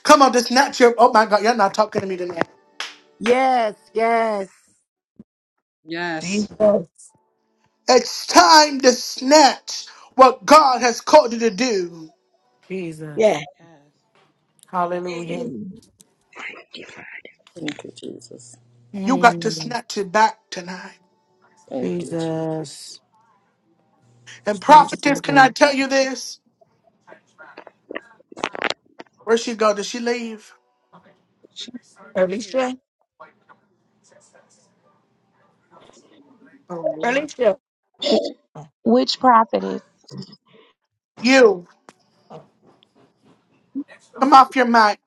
Speaker 1: Come on, to snatch your, oh my God, you're not talking to me tonight.
Speaker 3: Yes, yes.
Speaker 5: yes.
Speaker 4: Jesus,
Speaker 1: It's time to snatch what God has called you to do.
Speaker 7: Jesus.
Speaker 10: Yeah.
Speaker 5: Yes.
Speaker 10: Get
Speaker 7: Hallelujah.
Speaker 6: Thank you, Jesus.
Speaker 1: You got to
Speaker 7: Mm,
Speaker 1: snatch it back tonight.
Speaker 6: Thank you. Jesus.
Speaker 5: Jesus.
Speaker 7: Jesus.
Speaker 1: And
Speaker 7: Yes,
Speaker 1: prophetess, can I
Speaker 7: Lord.
Speaker 1: tell you this? Where'd she go? Did she leave?
Speaker 5: She's here.
Speaker 4: Alicia.
Speaker 1: Oh Lord.
Speaker 4: Alicia. Oh,
Speaker 11: Which prophet is?
Speaker 1: You,
Speaker 4: oh.
Speaker 1: come off your mic.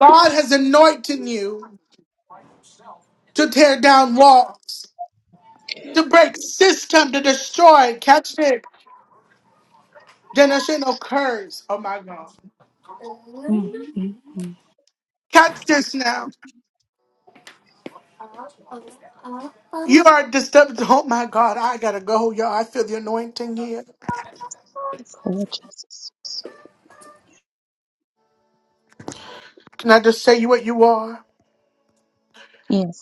Speaker 1: God has anointed you to tear down walls, to break system, to destroy. Catch it Generational curse. Oh my God.
Speaker 11: Mm, mm, mm.
Speaker 1: Catch this now. You are disturbed. Oh my God. I gotta go, y'all. I feel the anointing here.
Speaker 11: It's Lord Jesus.
Speaker 1: Can I just say you what you are?
Speaker 11: Yes.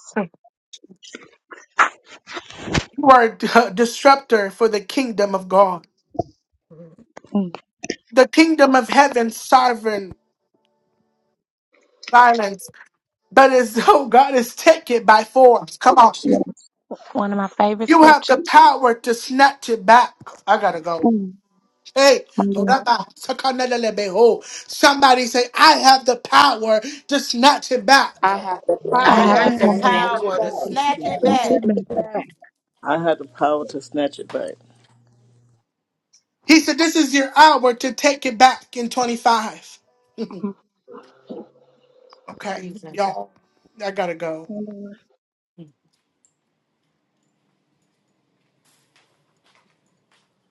Speaker 1: You are a d- a disruptor for the kingdom of God.
Speaker 4: mm-hmm.
Speaker 11: Mm,
Speaker 1: The kingdom of heaven, sovereign violence. But as though God is taken by force. Come on.
Speaker 11: yes. One of my favorite
Speaker 1: You have
Speaker 11: scriptures.
Speaker 1: the power to snatch it back. I gotta go.
Speaker 11: Mm,
Speaker 1: Hey,
Speaker 11: my Lord.
Speaker 1: somebody say, I have the power to snatch it back.
Speaker 3: I have the
Speaker 10: where
Speaker 11: I
Speaker 10: you're
Speaker 11: have
Speaker 5: I
Speaker 3: power
Speaker 11: the
Speaker 5: have
Speaker 3: to
Speaker 11: power.
Speaker 3: snatch it back.
Speaker 11: Not to
Speaker 7: Hey,
Speaker 5: stretched it
Speaker 11: admit.
Speaker 5: back.
Speaker 6: I had the power to snatch it back.
Speaker 1: He said, This is your hour to take it back in 25. okay,
Speaker 7: Jesus.
Speaker 1: y'all, I gotta go.
Speaker 11: Mm,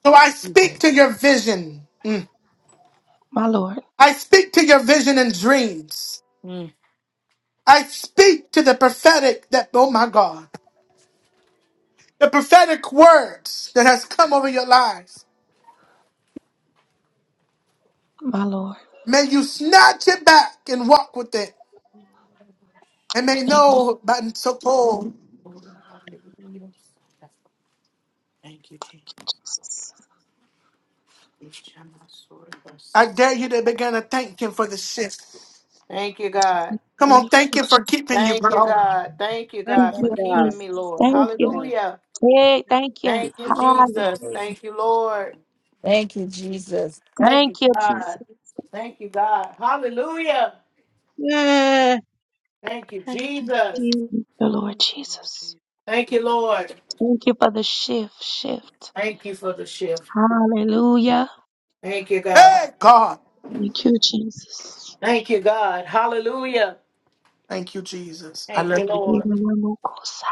Speaker 1: So I speak to your vision. Mm.
Speaker 11: my Lord.
Speaker 1: I speak to your vision and dreams.
Speaker 7: Mm.
Speaker 1: I speak to the prophetic that, oh my God, the prophetic words that has come over your lives.
Speaker 11: My Lord. My Lord.
Speaker 1: May you snatch it back and walk with it. And may
Speaker 11: Thank you.
Speaker 1: know, but it's so cold.
Speaker 7: Thank you, Jesus.
Speaker 1: I dare you to begin to thank him for the shift.
Speaker 7: Thank you, God.
Speaker 11: Thank you
Speaker 1: Come on,
Speaker 11: Lord,
Speaker 1: thank
Speaker 11: for
Speaker 1: him
Speaker 11: this.
Speaker 1: for keeping you,
Speaker 7: Thank you,
Speaker 1: girl.
Speaker 7: God. Thank you,
Speaker 11: Thank
Speaker 5: Thank
Speaker 7: God,
Speaker 5: you,
Speaker 7: for
Speaker 11: you,
Speaker 5: God.
Speaker 7: keeping
Speaker 11: Jesus.
Speaker 7: me, Lord.
Speaker 11: Thank you.
Speaker 5: Thank
Speaker 7: Hallelujah.
Speaker 11: Hey,
Speaker 5: you,
Speaker 11: thank you.
Speaker 7: Thank you,
Speaker 11: Hallelujah.
Speaker 7: Jesus. Thank you, Lord.
Speaker 5: Hallelujah.
Speaker 4: Thank you, Jesus.
Speaker 7: Thank you,
Speaker 11: Thank you, Jesus.
Speaker 7: God. Thank you, God. Hallelujah. Thank you, Jesus.
Speaker 11: Thank you, Lord
Speaker 5: Thank you, Lord
Speaker 11: Jesus.
Speaker 5: Jesus.
Speaker 7: Thank you, Lord.
Speaker 11: Thank you for the shift, shift.
Speaker 7: Thank you for the shift.
Speaker 11: Hallelujah.
Speaker 7: Thank you, God.
Speaker 1: Hey, God.
Speaker 11: Thank you, Jesus.
Speaker 7: Thank you, God. Hallelujah.
Speaker 1: Thank you, Jesus. I
Speaker 7: Thank
Speaker 1: love
Speaker 7: you,
Speaker 1: you.
Speaker 11: You
Speaker 7: Lord.
Speaker 11: are the most cause.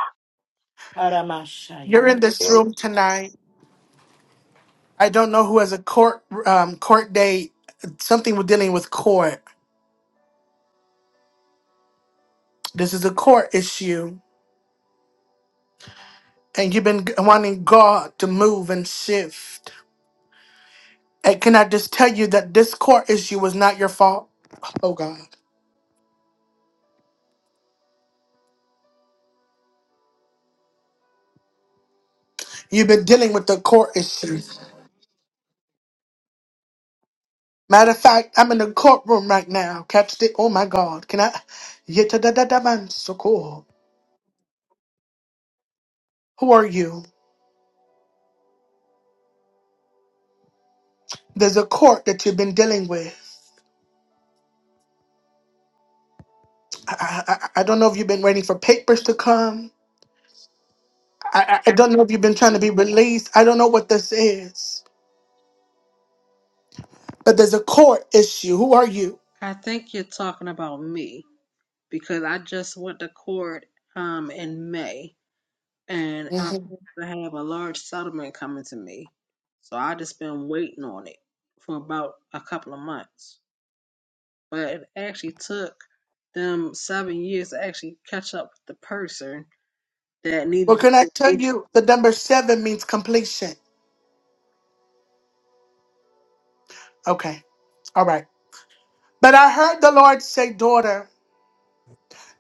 Speaker 1: You're
Speaker 7: Aramashayana.
Speaker 1: in this room tonight. I don't know who has a court um, court date. Something we're dealing with court. This is a court issue, and you've been wanting God to move and shift. And can I just tell you that this court issue was not your fault? Oh God, you've been dealing with the court issue. Matter of fact, I'm in the courtroom right now. Catch it. Oh my God, can I? Yetadadadaman, so cool. Who are you? There's a court that you've been dealing with. I, I, I don't know if you've been waiting for papers to come. I, I I
Speaker 5: Thank
Speaker 1: don't know if you've been trying to be
Speaker 5: you.
Speaker 1: released. I don't know what this is, but there's a court issue. Who are you?
Speaker 5: I think you're talking about me because I just went to court um in May and I'm
Speaker 1: Mhm.
Speaker 5: supposed to have a large settlement coming to me. So I just been waiting on it for about a couple of months. but it actually took them seven years to actually catch up with the person that
Speaker 1: Well,
Speaker 5: needed to
Speaker 1: can I
Speaker 5: be
Speaker 1: tell you the number seven means completion? Okay. All right. But I heard the Lord say, daughter,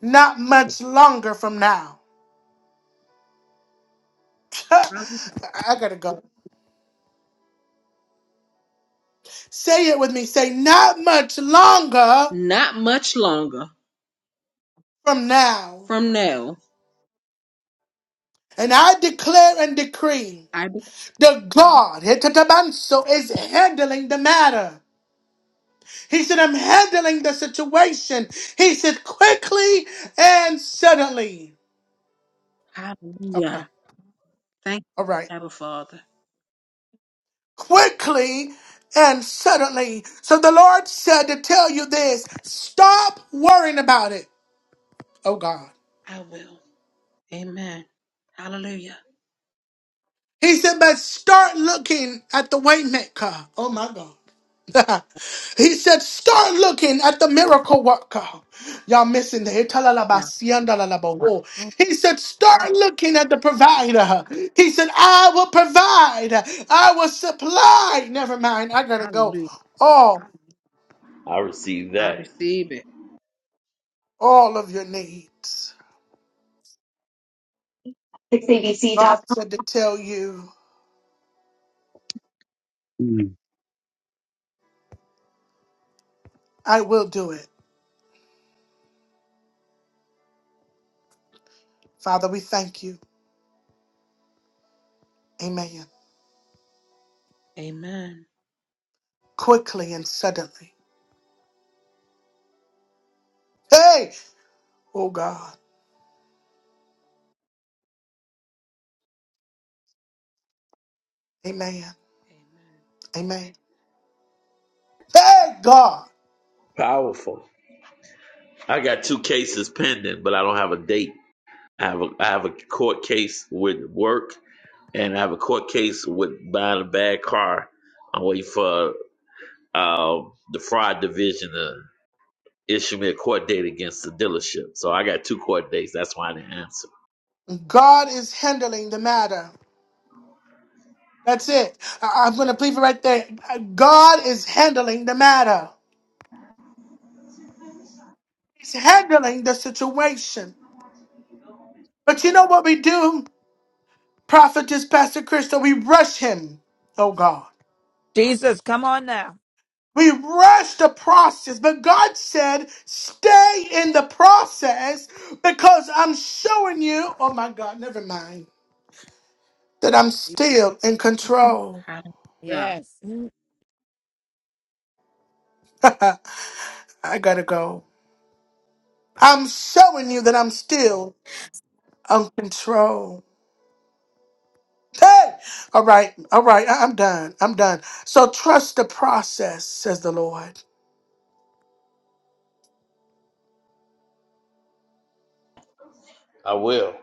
Speaker 1: not much longer from now.
Speaker 5: probably
Speaker 1: I gotta go. Say it with me. Say, not much longer
Speaker 5: not much longer
Speaker 1: from now.
Speaker 5: from now.
Speaker 1: And I declare and decree.
Speaker 5: I be-
Speaker 1: The God, Hetatabanso, is handling the matter. He said, I'm handling the situation. He said, quickly and suddenly. Okay,
Speaker 5: hallelujah. Thank
Speaker 1: all right.
Speaker 5: you, Abba Father.
Speaker 1: Quickly and suddenly. So the Lord said to tell you this stop worrying about it. Oh God.
Speaker 5: I will. Amen. Hallelujah.
Speaker 1: He said, but start looking at the waymaker. Oh my God. he said, start looking at the miracle worker. Y'all missing the
Speaker 5: Yeah.
Speaker 1: Italalabasiandalalabawo.
Speaker 5: thank-
Speaker 1: He said, start looking at the provider. He said, I will provide. I will supply. Never mind. I gotta go.
Speaker 5: Hallelujah.
Speaker 1: All,
Speaker 12: I received
Speaker 5: I
Speaker 12: that.
Speaker 5: receive it.
Speaker 1: all of your needs. God
Speaker 13: 6abc.com.
Speaker 1: said to tell you,
Speaker 13: Mm.
Speaker 1: I will do it. Father, we thank you. Amen.
Speaker 5: Amen.
Speaker 1: Quickly and suddenly. Hey! Oh God. Amen.
Speaker 5: Amen.
Speaker 1: Amen. Hey God.
Speaker 12: Powerful. I got two cases pending, but I don't have a date. I have a I have a court case with work, and I have a court case with buying a bad car. I'm waiting for um, the fraud division to issue me a court date against the dealership. So I got two court dates. That's why I didn't answer.
Speaker 1: God is handling the matter. That's it. I- I'm going to leave it right there. God is handling the matter. He's handling the situation. But you know what we do? Prophetess Pastor Crystal, we rush him. Oh God.
Speaker 4: Jesus, come on now.
Speaker 1: We rush the process, but God said, stay in the process because I'm showing you, oh my God, never mind, that I'm still in control.
Speaker 5: Hallelujah.
Speaker 4: Yes.
Speaker 1: I gotta go. I'm showing you that I'm still on control. Hey! All right, all right, I- I'm done. I'm done. So trust the process, says the Lord.
Speaker 12: I will.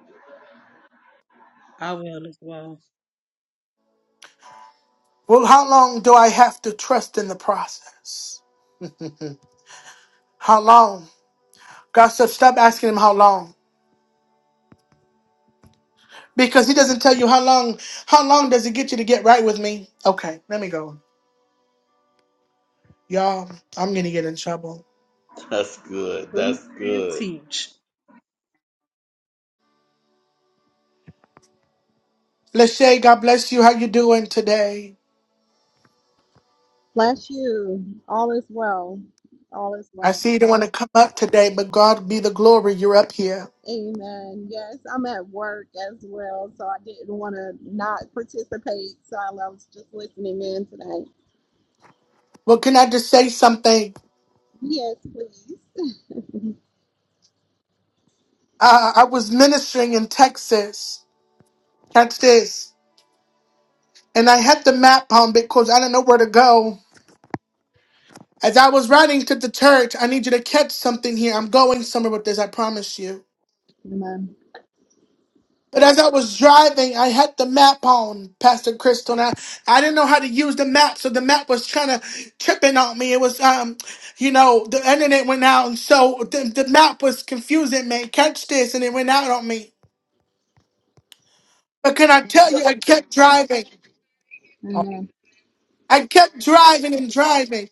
Speaker 5: I will as well.
Speaker 1: Well, how long do I have to trust in the process? How long? God said, stop asking him how long. Because he doesn't tell you how long. How long does it get you to get right with me? Okay, let me go. Y'all, I'm gonna get in trouble.
Speaker 12: That's good.
Speaker 5: Preach
Speaker 12: That's
Speaker 5: and
Speaker 12: good.
Speaker 5: teach.
Speaker 1: Lachey, God bless you. How you doing today?
Speaker 14: Bless you. All is well. All is
Speaker 1: I
Speaker 14: well.
Speaker 1: see you do not want to come up today, but God be the glory. You're up here.
Speaker 14: Amen. Yes, I'm at work as well, so I didn't want to not participate. So I was just listening in tonight.
Speaker 1: Well, can I just say something?
Speaker 14: Yes, please.
Speaker 1: Uh, I was ministering in Texas. Catch this. And I had the map on because I didn't know where to go. As I was riding to the church, I need you to catch something here. I'm going somewhere with this, I promise you.
Speaker 14: Amen.
Speaker 1: But as I was driving, I had the map on, Pastor Crystal, and I, I didn't know how to use the map, so the map was trying to tripping on me. It was, um, you know, the internet went out, and so the, the map was confusing me. Catch this, and it went out on me. But can I tell you, I kept driving.
Speaker 4: Oh,
Speaker 14: Amen.
Speaker 1: I kept driving and driving.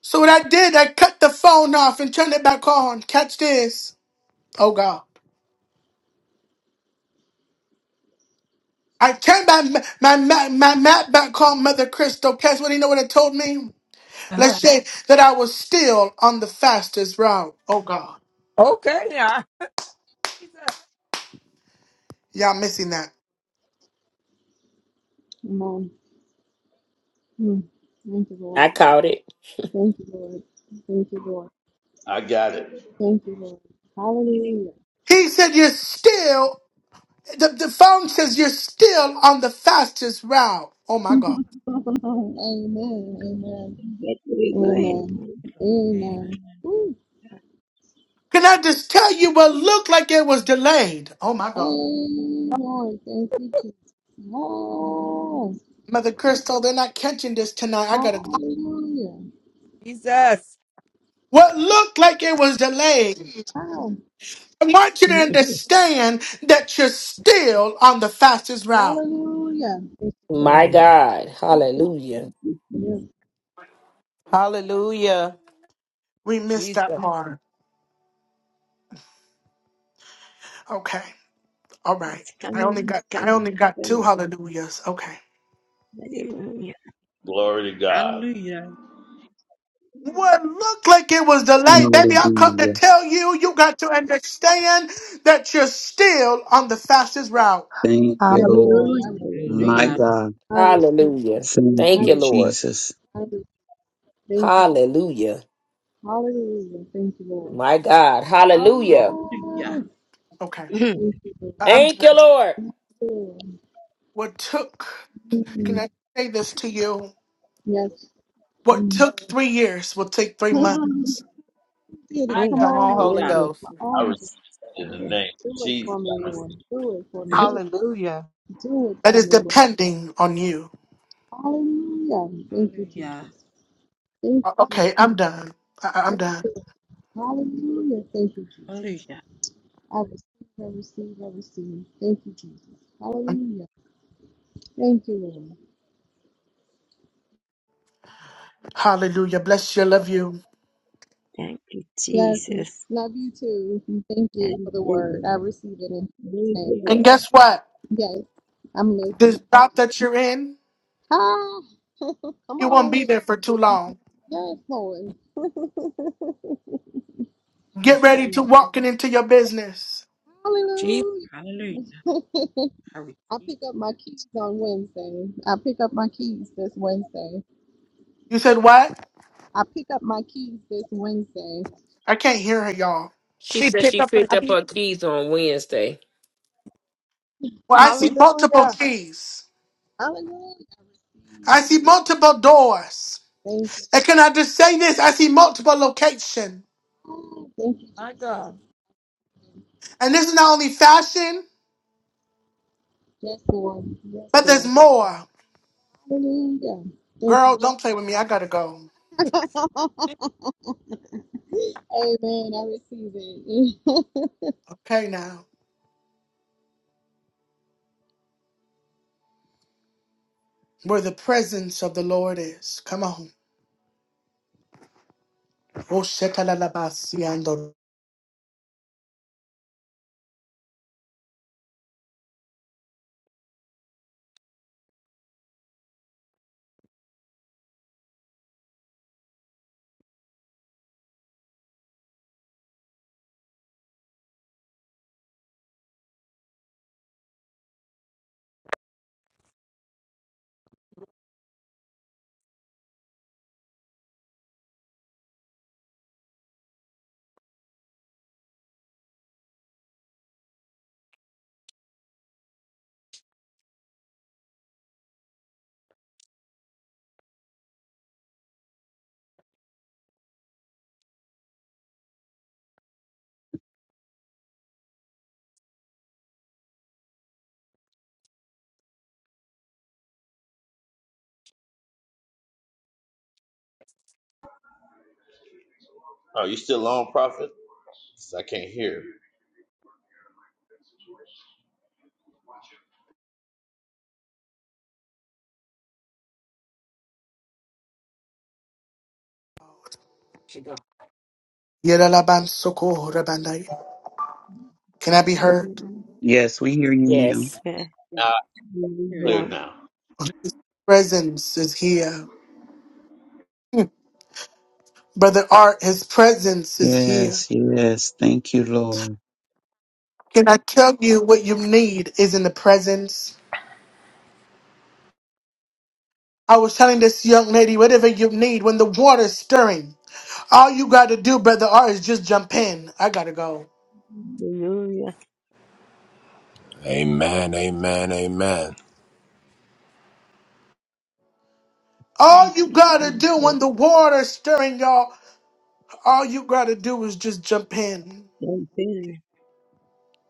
Speaker 1: So what I did, I cut the phone off and turned it back on. Catch this. Oh, God. I turned my, my, my, my map back on, Mother Crystal. Guess what? You know what it told me? Let's
Speaker 4: uh-huh.
Speaker 1: say that I was still on the fastest route. Oh God,
Speaker 4: Okay now. Jesus.
Speaker 1: y'all missing that.
Speaker 14: Amen. Mm. Thank you,
Speaker 15: I
Speaker 14: Lord.
Speaker 15: caught it.
Speaker 14: Thank you, Lord. Thank you, Lord.
Speaker 12: I got it.
Speaker 14: Thank you, Lord. Hallelujah.
Speaker 1: He said, You're still, the, the phone says you're still on the fastest route. Oh my God.
Speaker 14: Amen. Amen.
Speaker 10: going.
Speaker 14: Amen. Amen.
Speaker 5: Amen.
Speaker 1: Can I just tell you what looked like it was delayed? Oh my
Speaker 14: Hey,
Speaker 1: God.
Speaker 14: Lord, thank you, Jesus. Yes,
Speaker 1: Mother Crystal, they're not catching this tonight. I gotta go.
Speaker 14: hallelujah.
Speaker 4: Jesus.
Speaker 1: What looked like it was delayed.
Speaker 14: Oh,
Speaker 1: I want you to understand that you're still on the fastest route.
Speaker 14: hallelujah. Thank you,
Speaker 15: My
Speaker 14: Lord.
Speaker 15: God. Hallelujah.
Speaker 14: Yes,
Speaker 7: Hallelujah.
Speaker 1: We missed that
Speaker 4: Jesus.
Speaker 1: part. Okay. All right.
Speaker 10: It's
Speaker 1: I
Speaker 10: coming,
Speaker 1: only
Speaker 10: it's
Speaker 1: got I
Speaker 10: coming,
Speaker 1: only
Speaker 10: it's
Speaker 1: got two
Speaker 10: coming.
Speaker 1: hallelujahs. Okay.
Speaker 10: Hallelujah.
Speaker 12: Glory to God.
Speaker 5: Hallelujah.
Speaker 1: What looked like it was delayed. Baby, i come to
Speaker 13: Hallelujah.
Speaker 1: tell you, you got to understand that you're still on the fastest route.
Speaker 13: Thank you,
Speaker 14: yes, Lord.
Speaker 13: Lord.
Speaker 14: I
Speaker 11: Hallelujah.
Speaker 14: receive. it.
Speaker 13: My
Speaker 5: Hallelujah.
Speaker 10: Hallelujah.
Speaker 13: God.
Speaker 14: I receive. it.
Speaker 15: Hallelujah.
Speaker 13: Thank
Speaker 14: I
Speaker 15: Thank
Speaker 13: you,
Speaker 15: you,
Speaker 14: receive.
Speaker 5: Thank
Speaker 15: Lord.
Speaker 5: you.
Speaker 13: Jesus.
Speaker 14: I receive. Thank you, Jesus.
Speaker 15: Hallelujah.
Speaker 14: Hallelujah. Thank you, Lord.
Speaker 15: My God. Hallelujah.
Speaker 5: Yeah.
Speaker 14: Oh,
Speaker 1: Okay.
Speaker 14: thank you, Lord.
Speaker 1: I- I'm
Speaker 15: Thank you,
Speaker 1: done.
Speaker 15: Lord.
Speaker 14: Yes, Lord.
Speaker 1: What took can
Speaker 14: Mm,
Speaker 1: I say this to you?
Speaker 14: yes.
Speaker 1: What
Speaker 14: Mm.
Speaker 1: took three years will take three months.
Speaker 14: Did it.
Speaker 4: My
Speaker 10: Oh,
Speaker 14: Come
Speaker 4: God.
Speaker 7: Come on,
Speaker 14: on with
Speaker 7: Holy
Speaker 14: it.
Speaker 5: Hallelujah.
Speaker 10: glory
Speaker 7: Ghost.
Speaker 14: Come
Speaker 12: I
Speaker 14: on, Jesus.
Speaker 12: received it in
Speaker 10: to
Speaker 12: the
Speaker 10: God.
Speaker 12: name of
Speaker 14: Do it
Speaker 12: Jesus.
Speaker 14: for me,
Speaker 12: I
Speaker 5: Amen.
Speaker 12: received.
Speaker 14: Lord. Do it for me.
Speaker 3: Hallelujah.
Speaker 14: Do it
Speaker 1: That
Speaker 14: for
Speaker 1: is
Speaker 14: me, Lord.
Speaker 1: depending on you.
Speaker 14: Hallelujah. Thank you,
Speaker 5: Hallelujah.
Speaker 14: Jesus. Thank you,
Speaker 1: O-
Speaker 14: Jesus.
Speaker 1: Okay, I'm done. I- I- I'm
Speaker 14: Thank
Speaker 1: done.
Speaker 14: you. Hallelujah. Thank you, Jesus.
Speaker 5: Hallelujah.
Speaker 14: I receive, I receive, I receive. Thank you, Jesus.
Speaker 1: I'm,
Speaker 14: Hallelujah. Thank you, Lord.
Speaker 1: hallelujah. Bless you. Love you.
Speaker 10: Thank you,
Speaker 14: Yes,
Speaker 10: Jesus.
Speaker 14: love you too. Thank you
Speaker 10: Thank
Speaker 14: for the word. I
Speaker 10: you.
Speaker 14: receive it in Jesus'
Speaker 10: Thank you,
Speaker 14: name.
Speaker 1: And
Speaker 10: Lord.
Speaker 1: guess what?
Speaker 14: Yes, I'm
Speaker 1: This
Speaker 14: listening.
Speaker 1: job that you're in,
Speaker 14: Ah, come
Speaker 1: you won't
Speaker 14: on
Speaker 1: be
Speaker 14: with it.
Speaker 1: there for too long.
Speaker 14: Yes, Lord.
Speaker 1: Get
Speaker 4: She,
Speaker 1: ready to walking into your business.
Speaker 4: she
Speaker 14: Hallelujah.
Speaker 5: Hallelujah. I
Speaker 14: I
Speaker 5: receive
Speaker 14: pick up my keys on Wednesday. I pick up my keys this Wednesday.
Speaker 1: You said what?
Speaker 14: I pick up my keys this Wednesday.
Speaker 1: I can't hear her, y'all.
Speaker 15: She
Speaker 4: she
Speaker 15: said
Speaker 4: picked
Speaker 15: she
Speaker 4: up her
Speaker 15: picked
Speaker 14: I,
Speaker 15: up
Speaker 4: keys.
Speaker 15: her keys on Wednesday.
Speaker 1: Well, I see multiple
Speaker 3: Hallelujah.
Speaker 1: keys.
Speaker 14: hallelujah. I receive.
Speaker 1: I
Speaker 14: I
Speaker 1: see multiple doors.
Speaker 14: Thank you.
Speaker 1: And can I just say this? I see multiple location.
Speaker 14: Ah, Thank you,
Speaker 4: My
Speaker 14: Jesus.
Speaker 4: God.
Speaker 1: And
Speaker 14: Ah,
Speaker 1: this is not only fashion,
Speaker 14: Yes, Lord. Yes,
Speaker 1: but there's
Speaker 14: Lord.
Speaker 1: more.
Speaker 14: Hallelujah. Thank you.
Speaker 1: Girl,
Speaker 14: Jesus.
Speaker 1: don't play with me. I gotta go.
Speaker 14: Amen. I receive it.
Speaker 1: Okay now. Where the presence of the Lord is. Come on. Oh, shetalalabasiando.
Speaker 12: Oh, you still on, prophet? I can't hear.
Speaker 4: She go.
Speaker 1: Yeralabansokohorabandai. Can I be heard?
Speaker 13: Yes, we hear you now.
Speaker 15: Yes.
Speaker 10: Hallelujah.
Speaker 5: you.
Speaker 12: Now, I
Speaker 5: I hear
Speaker 12: clear
Speaker 5: you.
Speaker 10: Hallelujah.
Speaker 12: now.
Speaker 1: Presence is here. Brother Art, his presence is here.
Speaker 13: Yes, yes. Thank you, Lord.
Speaker 1: Can I tell you what you need is in the presence? I was telling this young lady, whatever you need, when the water's stirring, all you gotta do, Brother Art, is just jump in. I gotta go.
Speaker 10: Hallelujah.
Speaker 16: Amen, amen, amen.
Speaker 1: All
Speaker 10: Thank
Speaker 1: you
Speaker 10: you,
Speaker 1: gotta do when
Speaker 10: Jesus.
Speaker 1: the water's stirring, y'all, all you gotta do is just jump in.
Speaker 10: Thank you,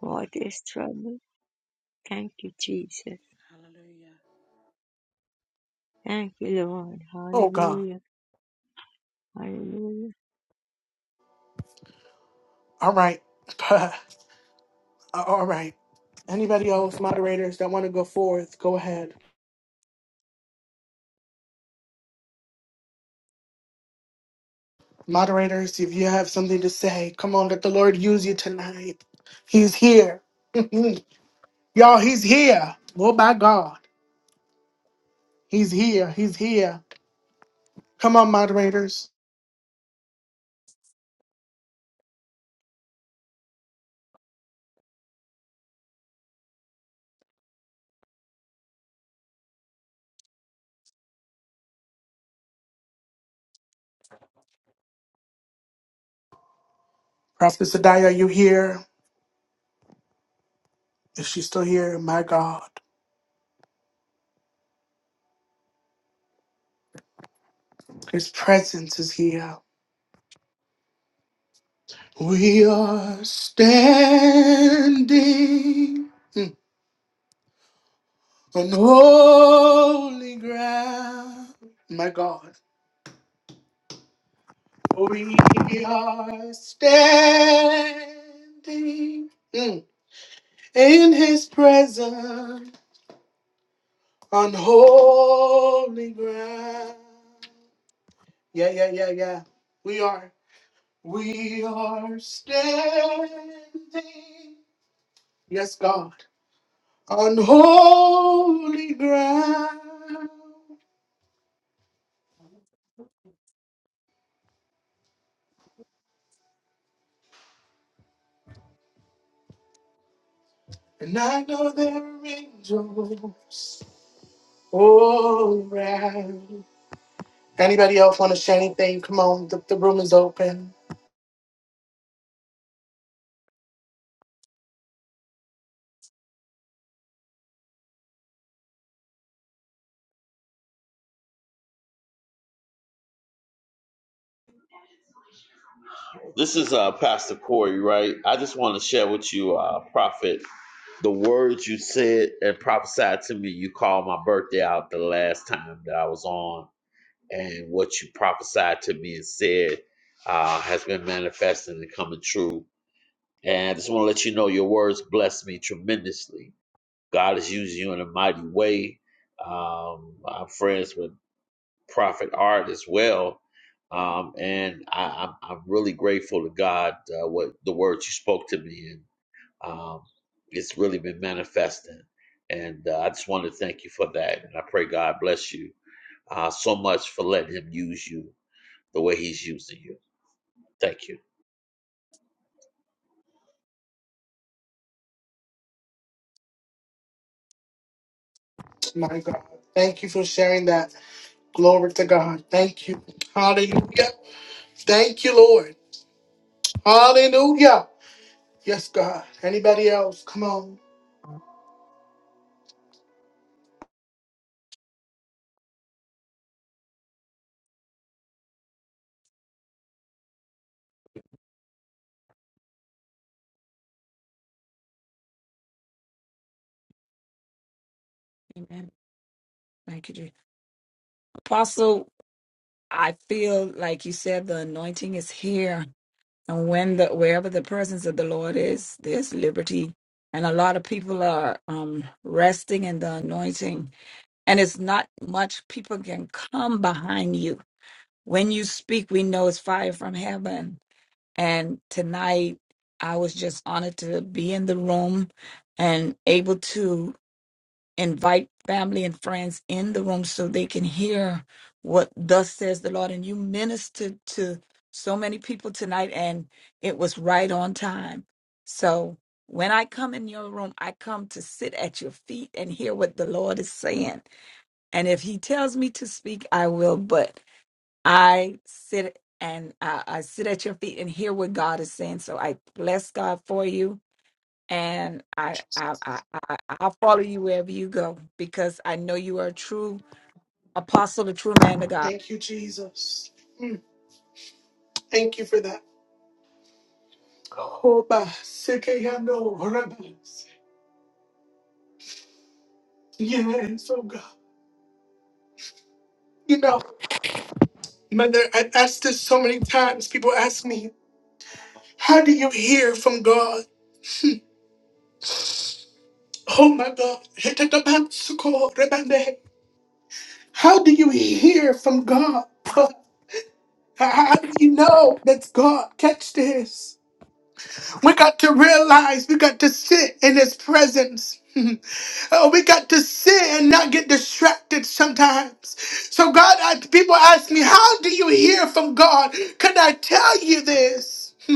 Speaker 10: Lord. What is trouble? Thank you, Jesus.
Speaker 5: Hallelujah.
Speaker 10: Thank you, Lord.
Speaker 1: Oh, God.
Speaker 10: Hallelujah. Hallelujah.
Speaker 1: All right. All right. Anybody else, moderators, that wanna go forth, go ahead. Moderators, if you have something to say, come on, let the Lord use you tonight. He's here. Y'all, he's here. Oh my God. He's here. He's here. Come on, moderators. Prophet Sadaya, are you here? If she's still here, my God. His presence is here. We are standing on holy ground. My God. We are standing mm, in his presence on holy ground. Yeah, yeah, yeah, yeah. We are. We are standing. Yes, God. On holy ground. And I know there are angels all around. Anybody else want to share anything? Come on, the, the room is open.
Speaker 12: This is uh, Pastor Corey, right? I just want to share with you, uh, Prophet, the words you said and prophesied to me. You called my birthday out the last time that I was on, and what you prophesied to me and said uh, has been manifesting and coming true. And I just want to let you know your words blessed me tremendously. God is using you in a mighty way. Um, I'm friends with prophet art as well. Um, and I, I'm, I'm really grateful to God uh, what the words you spoke to me, and um, it's really been manifesting. And uh, I just want to thank you for that, and I pray God bless you uh, so much for letting Him use you the way He's using you. Thank you.
Speaker 1: My God. Thank you for sharing that. Glory to God. Thank you. Hallelujah. Thank you, Lord. Hallelujah. Yes, God. Anybody else? Come on.
Speaker 4: Amen. Thank you, Jesus. Apostle, I feel like you said the anointing is here. And when the wherever the presence of the Lord is, there's liberty. And a lot of people are um, resting in the anointing. And it's not much people can come behind you. When you speak, we know it's fire from heaven. And tonight, I was just honored to be in the room and able to invite family and friends in the room so they can hear what thus says the Lord. And you ministered to so many people tonight, and it was right on time. So when I come in your room, I come to sit at your feet and hear what the Lord is saying. And if He tells me to speak, I will. But I sit and I, I sit at your feet and hear what God is saying. So I bless God for you and I, I I I I'll follow you wherever you go because I know you are a true apostle, a true man of God.
Speaker 1: Thank you, Jesus. Mm, Thank you for that. Oh, my sick, I no Yes, oh God. You know, Mother, I asked this so many times. People ask me, how do you hear from God? Oh my God. How do you hear from God? How how do you know that's God? Catch this. We got to realize we got to sit in His presence. Oh, we got to sit and not get distracted sometimes. So, God, I, people ask me, How do you hear from God? Can I tell you this?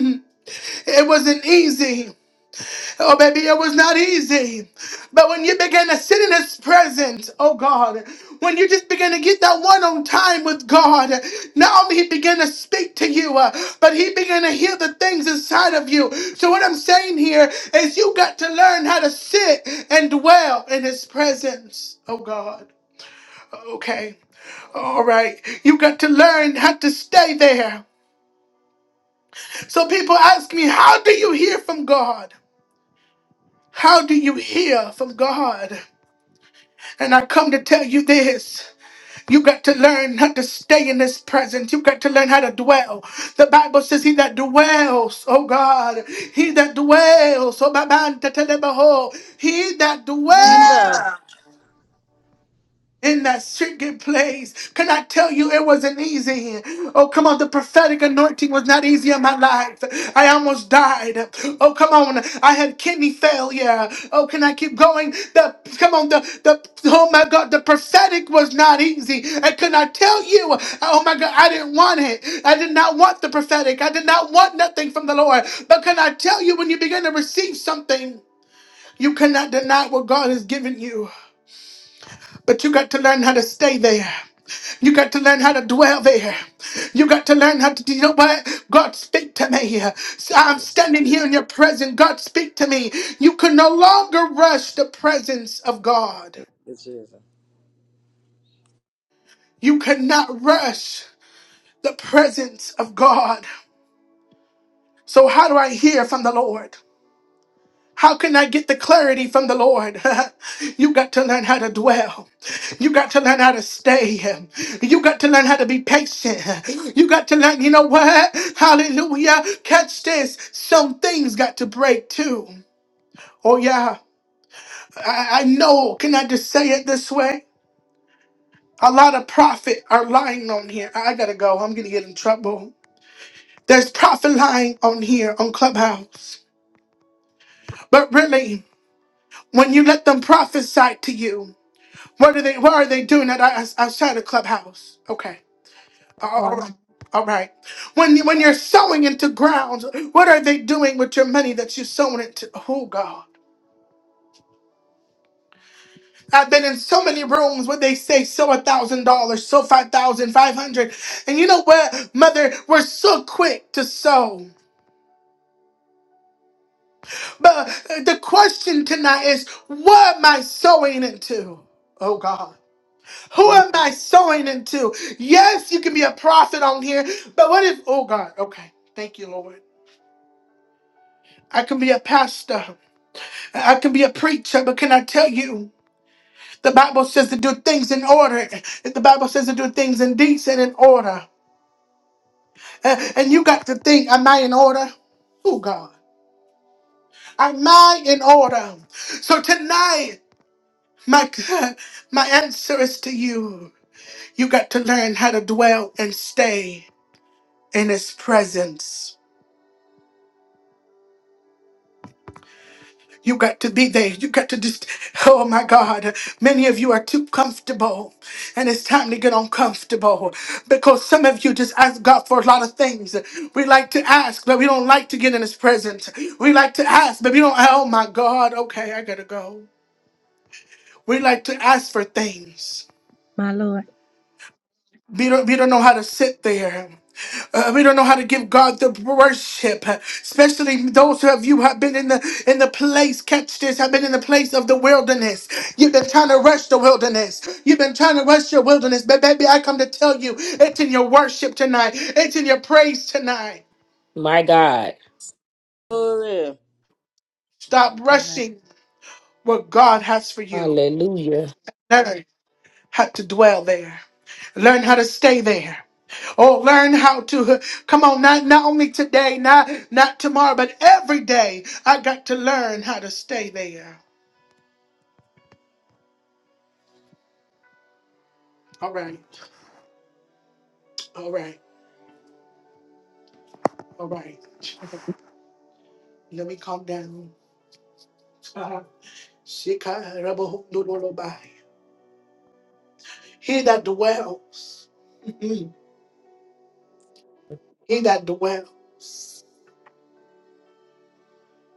Speaker 1: it wasn't easy. Oh, baby, it was not easy. But when you began to sit in His presence, oh God, when you just began to get that one on time with God, not only He began to speak to you, uh, but He began to hear the things inside of you. So, what I'm saying here is you got to learn how to sit and dwell in His presence, oh God. Okay, all right. You got to learn how to stay there. So, people ask me, How do you hear from God? How do you hear from God? And I come to tell you this. You got to learn how to stay in this presence. You got to learn how to dwell. The Bible says, He that dwells, oh God, he that dwells, oh my man, to tell him, oh, he that dwells
Speaker 6: Jesus.
Speaker 1: in that secret place. Can I tell you it wasn't easy? Oh, come on, the prophetic anointing was not easy in my life. I almost died. Oh, come on, I had kidney failure. Oh, can I keep going? The come on, the the oh my god, the prophetic was not easy. And can I tell you? Oh my god, I didn't want it. I did not want the prophetic. I did not want nothing from the Lord. But can I tell you when you begin to receive something, you cannot deny what God has given you, but you got to learn how to stay there. You got to learn how to dwell there. You got to learn how to, you know what? God, speak to me.
Speaker 6: Thank
Speaker 1: I'm
Speaker 6: you,
Speaker 1: standing here in your presence. God, speak to me. You can no longer rush the presence of God.
Speaker 6: Jesus.
Speaker 1: You cannot rush the presence of God. So, how do I hear from the Lord? How can I get the clarity from the Lord? you got to learn how to dwell. You got to learn how to stay. You got to learn how to be patient. You got to learn, you know what? Hallelujah. Catch this. Some things got to break too. Oh, yeah. I, I know. Can I just say it this way? A lot of prophet are lying on here. I gotta go. I'm gonna get in trouble. There's prophet lying on here on Clubhouse. But really, when you let them prophesy to you. What are they? What are they doing that out- outside the clubhouse? Okay. All
Speaker 4: Come
Speaker 1: all
Speaker 4: on.
Speaker 1: right. All right. When you- when you're sowing into grounds, what are they doing with your money that you're sowing into? Oh God. I've been in so many rooms where they say sow a thousand dollars, sow five thousand five hundred, and you know what, mother, we're so quick to sow. But uh, the question tonight is, what am I sowing into? Oh God. Who am I sowing into? Yes, you can be a prophet on here, but what if, oh God, okay, thank you, Lord. I can be a pastor, I can be a preacher, but can I tell you, the Bible says to do things in order. The Bible says to do things in decent and order. Uh, And you got to think, am I in order? Oh God, am I in order? So tonight, my God, my answer is to you. You got to learn how to dwell and stay in His presence. You got to be there. You got to just, oh my God. Many of you are too comfortable, and it's time to get uncomfortable because some of you just ask God for a lot of things. We like to ask, but we don't like to get in His presence. We like to ask, but we don't, oh my God, okay, I gotta go. We like to ask for things.
Speaker 11: My Lord.
Speaker 1: We don't, we don't know how to sit there. Uh, we don't know how to give God the worship, especially those of you who have been in the in the place. Catch this, have been in the place of the wilderness. You've been trying to rush the wilderness. You've been trying to rush your wilderness, but baby, I come to tell you, it's in your worship tonight. It's in your praise tonight.
Speaker 15: My God.
Speaker 6: Glory.
Speaker 5: My
Speaker 1: Stop
Speaker 5: God.
Speaker 1: rushing what God has for you.
Speaker 15: Hallelujah.
Speaker 1: Learn how to dwell there. Learn how to stay there. Oh, learn how to come on, not not only today, not not tomorrow, but every day. I got to learn how to stay there. All right, all right, all right. Let me calm down. Shikarabohundurulubai. He that dwells, mhm, he that dwells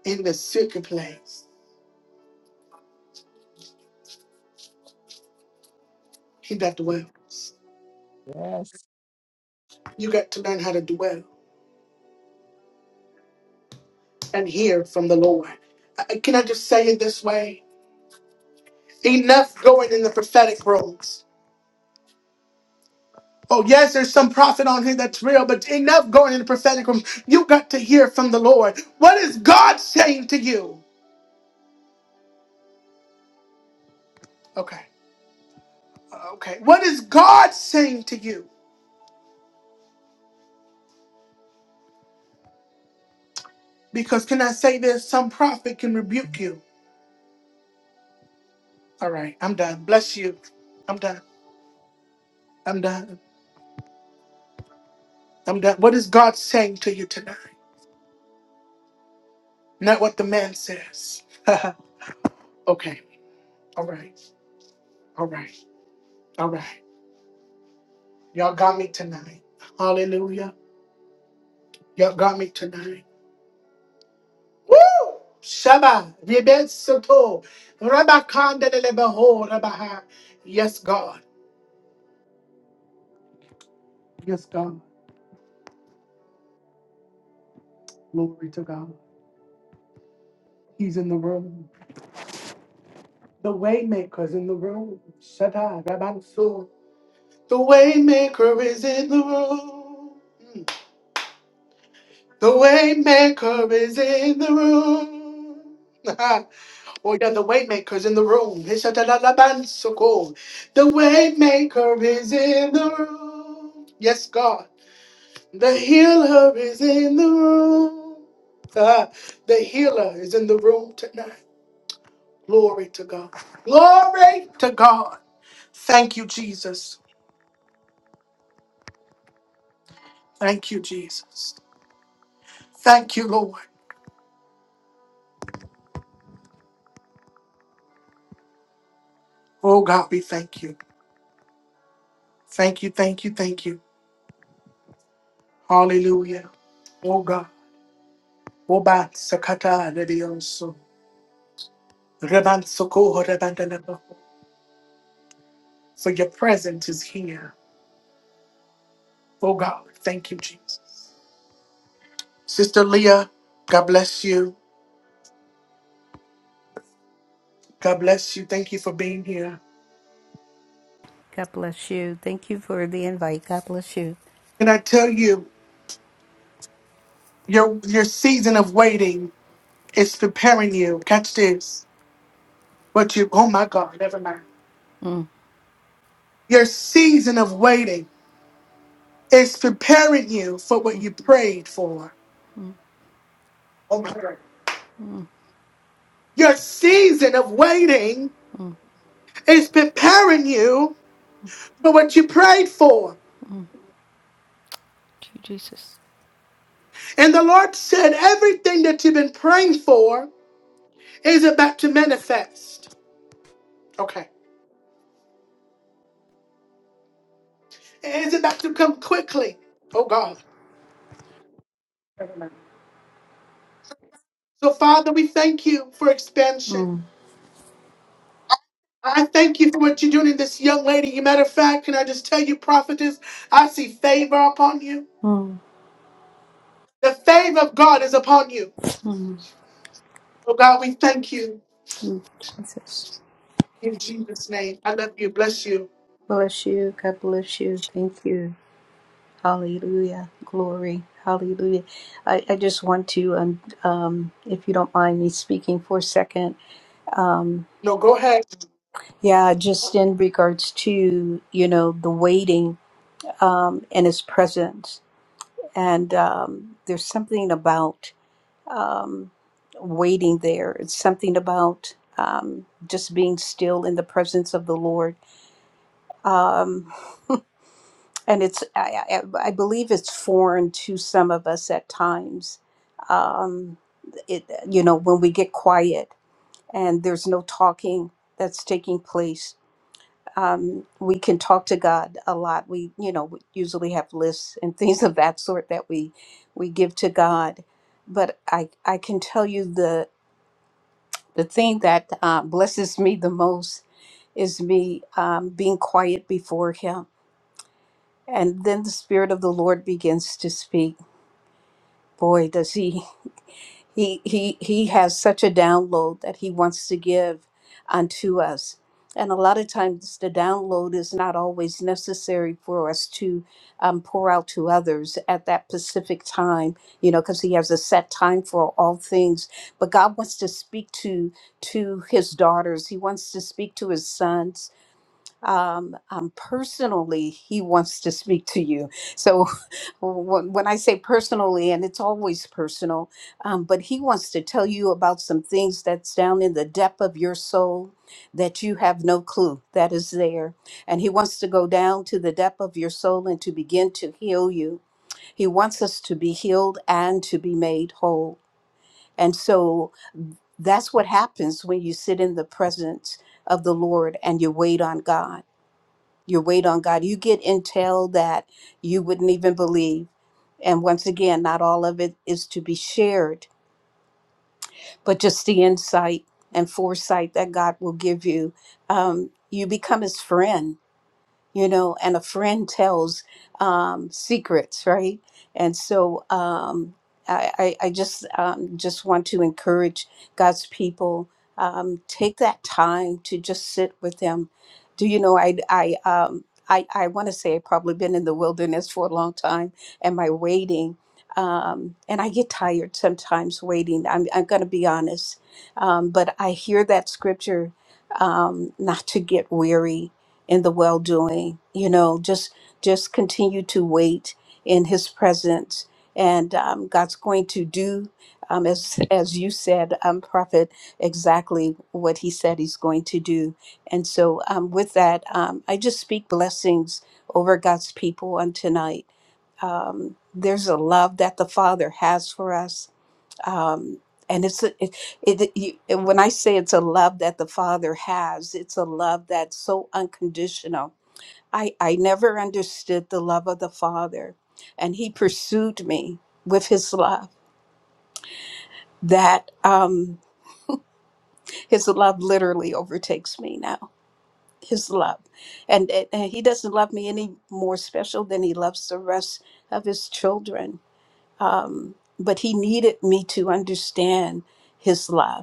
Speaker 1: in the secret place, he that dwells.
Speaker 4: Yes.
Speaker 1: You got to learn how to dwell and hear from the Lord. Uh, Can I just say it this way? Enough going in the prophetic rooms. Oh, yes, there's some prophet on here that's real, but enough going in the prophetic room. You got to hear from the Lord. What is God saying to you? Okay, uh, okay. What is God saying to you? Because can I say this? Some prophet can rebuke you. All right, I'm done. Bless you. I'm done. I'm done. I'm done. What is God saying to you tonight? Not what the man says. okay, all right, all right, all right. Y'all got me tonight. Hallelujah. Y'all got me tonight. Woo! Shaba, Rebet Soto, Rabakanda de Lebaho, Rabaha. Yes, God. Yes, God. Glory to God. He's in the room. The Waymaker's in the room. Shada, Rabanso. The Waymaker is in the room. Hmm. The Waymaker is in the room. oh, yeah, the Waymaker's in the room. He said, "Da, da, da, ban, so Hishadadadabansoko. The Waymaker is in the room. Yes, God. The healer is in the room. God, the healer is in the room tonight. Glory to God. Glory to God. Thank you, Jesus. Thank you, Jesus. Thank you, Lord. Oh God, we thank you. Thank you, thank you, thank you. Hallelujah. Oh God. Oba sakata rebioso. Reban sokoho For your presence is here. Oh God, thank you, Jesus. Sister Leah, God bless you. God bless you. Thank you for being here.
Speaker 17: God bless you. Thank you for the invite. God bless you.
Speaker 1: And I tell you, your your season of waiting is preparing you. Catch this. What you oh my God, never mind. Your season of waiting is preparing you for what you prayed for. Oh my God. Your season of waiting is preparing you for what you prayed for. And the Lord said, everything that you've been praying for is about to manifest. Okay. It's about to come quickly. Oh God. So, Father, we thank you for expansion.
Speaker 17: Mm,
Speaker 1: I thank you for what you're doing in this young lady. You matter of fact, can I just tell you, prophetess, I see favor upon you.
Speaker 17: mm,
Speaker 1: The favor of God is upon you.
Speaker 17: mm,
Speaker 1: Oh God, we thank you
Speaker 17: mm. Jesus.
Speaker 1: in Jesus' name. I love you. Bless you.
Speaker 17: Bless you. God bless you. Thank you. Hallelujah. Glory. Hallelujah. I, I just want to, um, um, if you don't mind me speaking for a second, um,
Speaker 1: No, go ahead.
Speaker 17: yeah, just in regards to, you know, the waiting um, and his presence. And um, there's something about um, waiting there. It's something about um, just being still in the presence of the Lord. Um, and it's, I, I, I believe it's foreign to some of us at times. Um, it, you know, when we get quiet and there's no talking that's taking place. Um, we can talk to God a lot. We, you know, we usually have lists and things of that sort that we we give to God. But I I can tell you the. the thing that uh, blesses me the most is me um, being quiet before him and then the spirit of the lord begins to speak boy does he he he he has such a download that he wants to give unto us and a lot of times the download is not always necessary for us to um, pour out to others at that specific time you know because he has a set time for all things but god wants to speak to to his daughters he wants to speak to his sons um, um, personally he wants to speak to you so Well, wh- when I say personally, and it's always personal, um, but he wants to tell you about some things that's down in the depth of your soul that you have no clue that is there. And he wants to go down to the depth of your soul and to begin to heal you. He wants us to be healed and to be made whole. And so that's what happens when you sit in the presence of the Lord and you wait on God you wait on God. You get intel that you wouldn't even believe. And once again, not all of it is to be shared, but just the insight and foresight that God will give you. Um, you become his friend you know, and a friend tells um, secrets, right? And so um, I, I I just um, just want to encourage God's people um, take that time to just sit with Him. Do you know I I um, I, I want to say I've probably been in the wilderness for a long time, and my waiting. Um, and I get tired sometimes waiting. I'm, I'm going to be honest. Um, but I hear that scripture um, not to get weary in the well doing. You know, just just continue to wait in His presence, and um, God's going to do, um, as as you said, um, Prophet, exactly what He said He's going to do. And so, um, with that, um, I just speak blessings over God's people on tonight. Um, there's a love that the Father has for us um, and it's a, it, it, you, and when I say it's a love that the Father has, it's a love that's so unconditional. I I never understood the love of the Father, and He pursued me with His love. That um, His love literally overtakes me now. His love, and, and and He doesn't love me any more special than He loves the rest of His children. Um, but He needed me to understand His love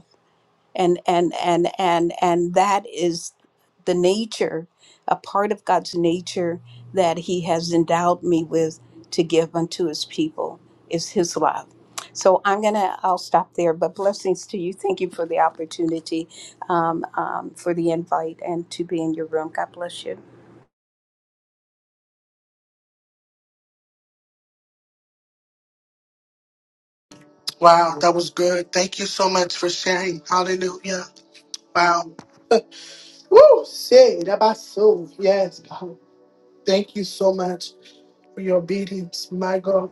Speaker 17: and and and and and that is the nature a part of god's nature that he has endowed me with to give unto his people is his love so i'm gonna i'll stop there but blessings to you thank you for the opportunity um, um, for the invite and to be in your room god bless you
Speaker 1: Wow, that was good. Thank you so much for sharing. Hallelujah. Wow. Woo! Say that my soul. Yes, God. Thank you so much for your obedience, my God.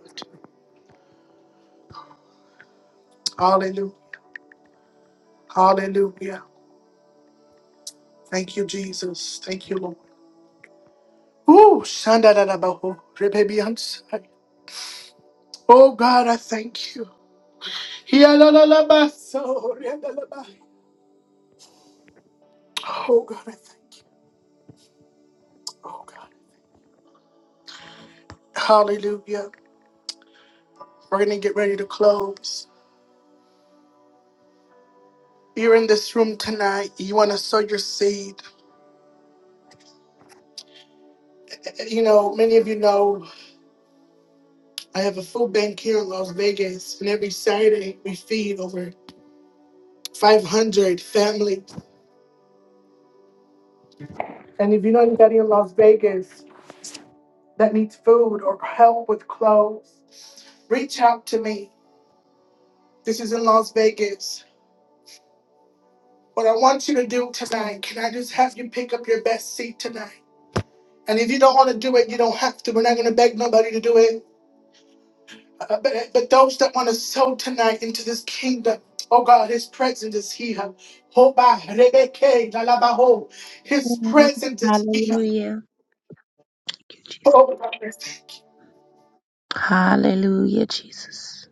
Speaker 1: Hallelujah. Hallelujah. Thank you, Jesus. Thank you, Lord. Ooh, shandadadabaho, rebebiansai. Oh God, I thank you. Hialalalabaso, riandalaba. Oh God, I thank you. Oh God. Hallelujah. We're going to get ready to close. You're in this room tonight. You want to sow your seed. You know, many of you know I have a food bank here in Las Vegas, and every Saturday we feed over 500 families. And if you know anybody in Las Vegas, that needs food or help with clothes, reach out to me. This is in Las Vegas. What I want you to do tonight, can I just have you pick up your best seat tonight? And if you don't want to do it, you don't have to. We're not going to beg nobody to do it. Uh, but, but those that want to sow tonight into this kingdom, oh God, His presence is here. Hoba, rebeke, lalabaho. His
Speaker 11: Yes.
Speaker 1: presence is here.
Speaker 11: Hallelujah. Thank you, Jesus.
Speaker 1: Oh God.
Speaker 11: Hallelujah, Jesus.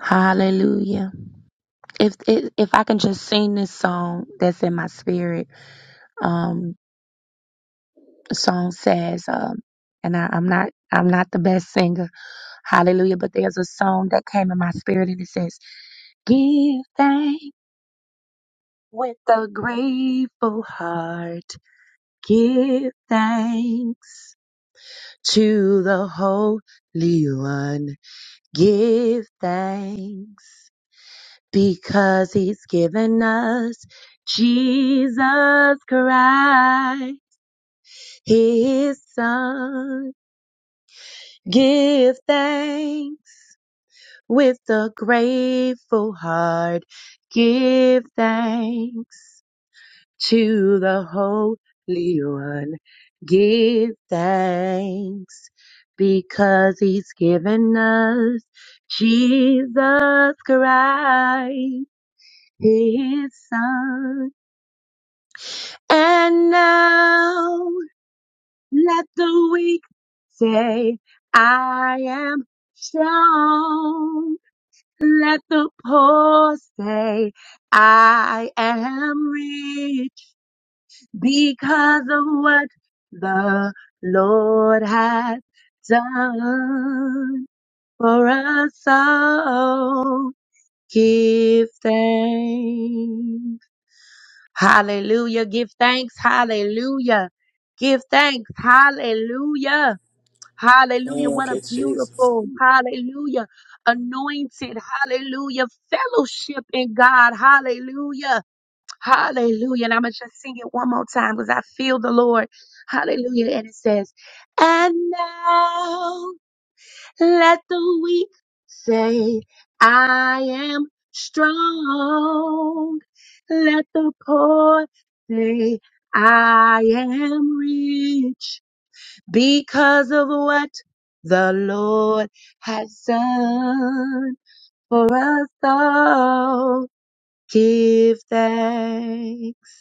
Speaker 11: Hallelujah. If if if I can just sing this song that's in my spirit, um, the song says, um, and I, I'm not I'm not the best singer, Hallelujah. But there's a song that came in my spirit and it says, "Give thanks with a grateful heart. Give thanks. to the Holy One. Give thanks because he's given us Jesus Christ, his son. Give thanks with a grateful heart. Give thanks. to the Holy One. Give thanks because He's given us Jesus Christ, His Son. And now let the weak say, I am strong. Let the poor say, I am rich because of what the Lord has done for us all. Give thanks. Hallelujah. Give thanks. Hallelujah. Give thanks. Hallelujah. Hallelujah. What
Speaker 6: Thank
Speaker 11: a
Speaker 6: you, Jesus.
Speaker 11: beautiful, hallelujah, anointed, hallelujah, fellowship in God. Hallelujah. Hallelujah. And I'm going to just sing it one more time because I feel the Lord. Hallelujah. And it says, And now let the weak say, I am strong. Let the poor say, I am rich because of what the Lord has done for us all. Give thanks.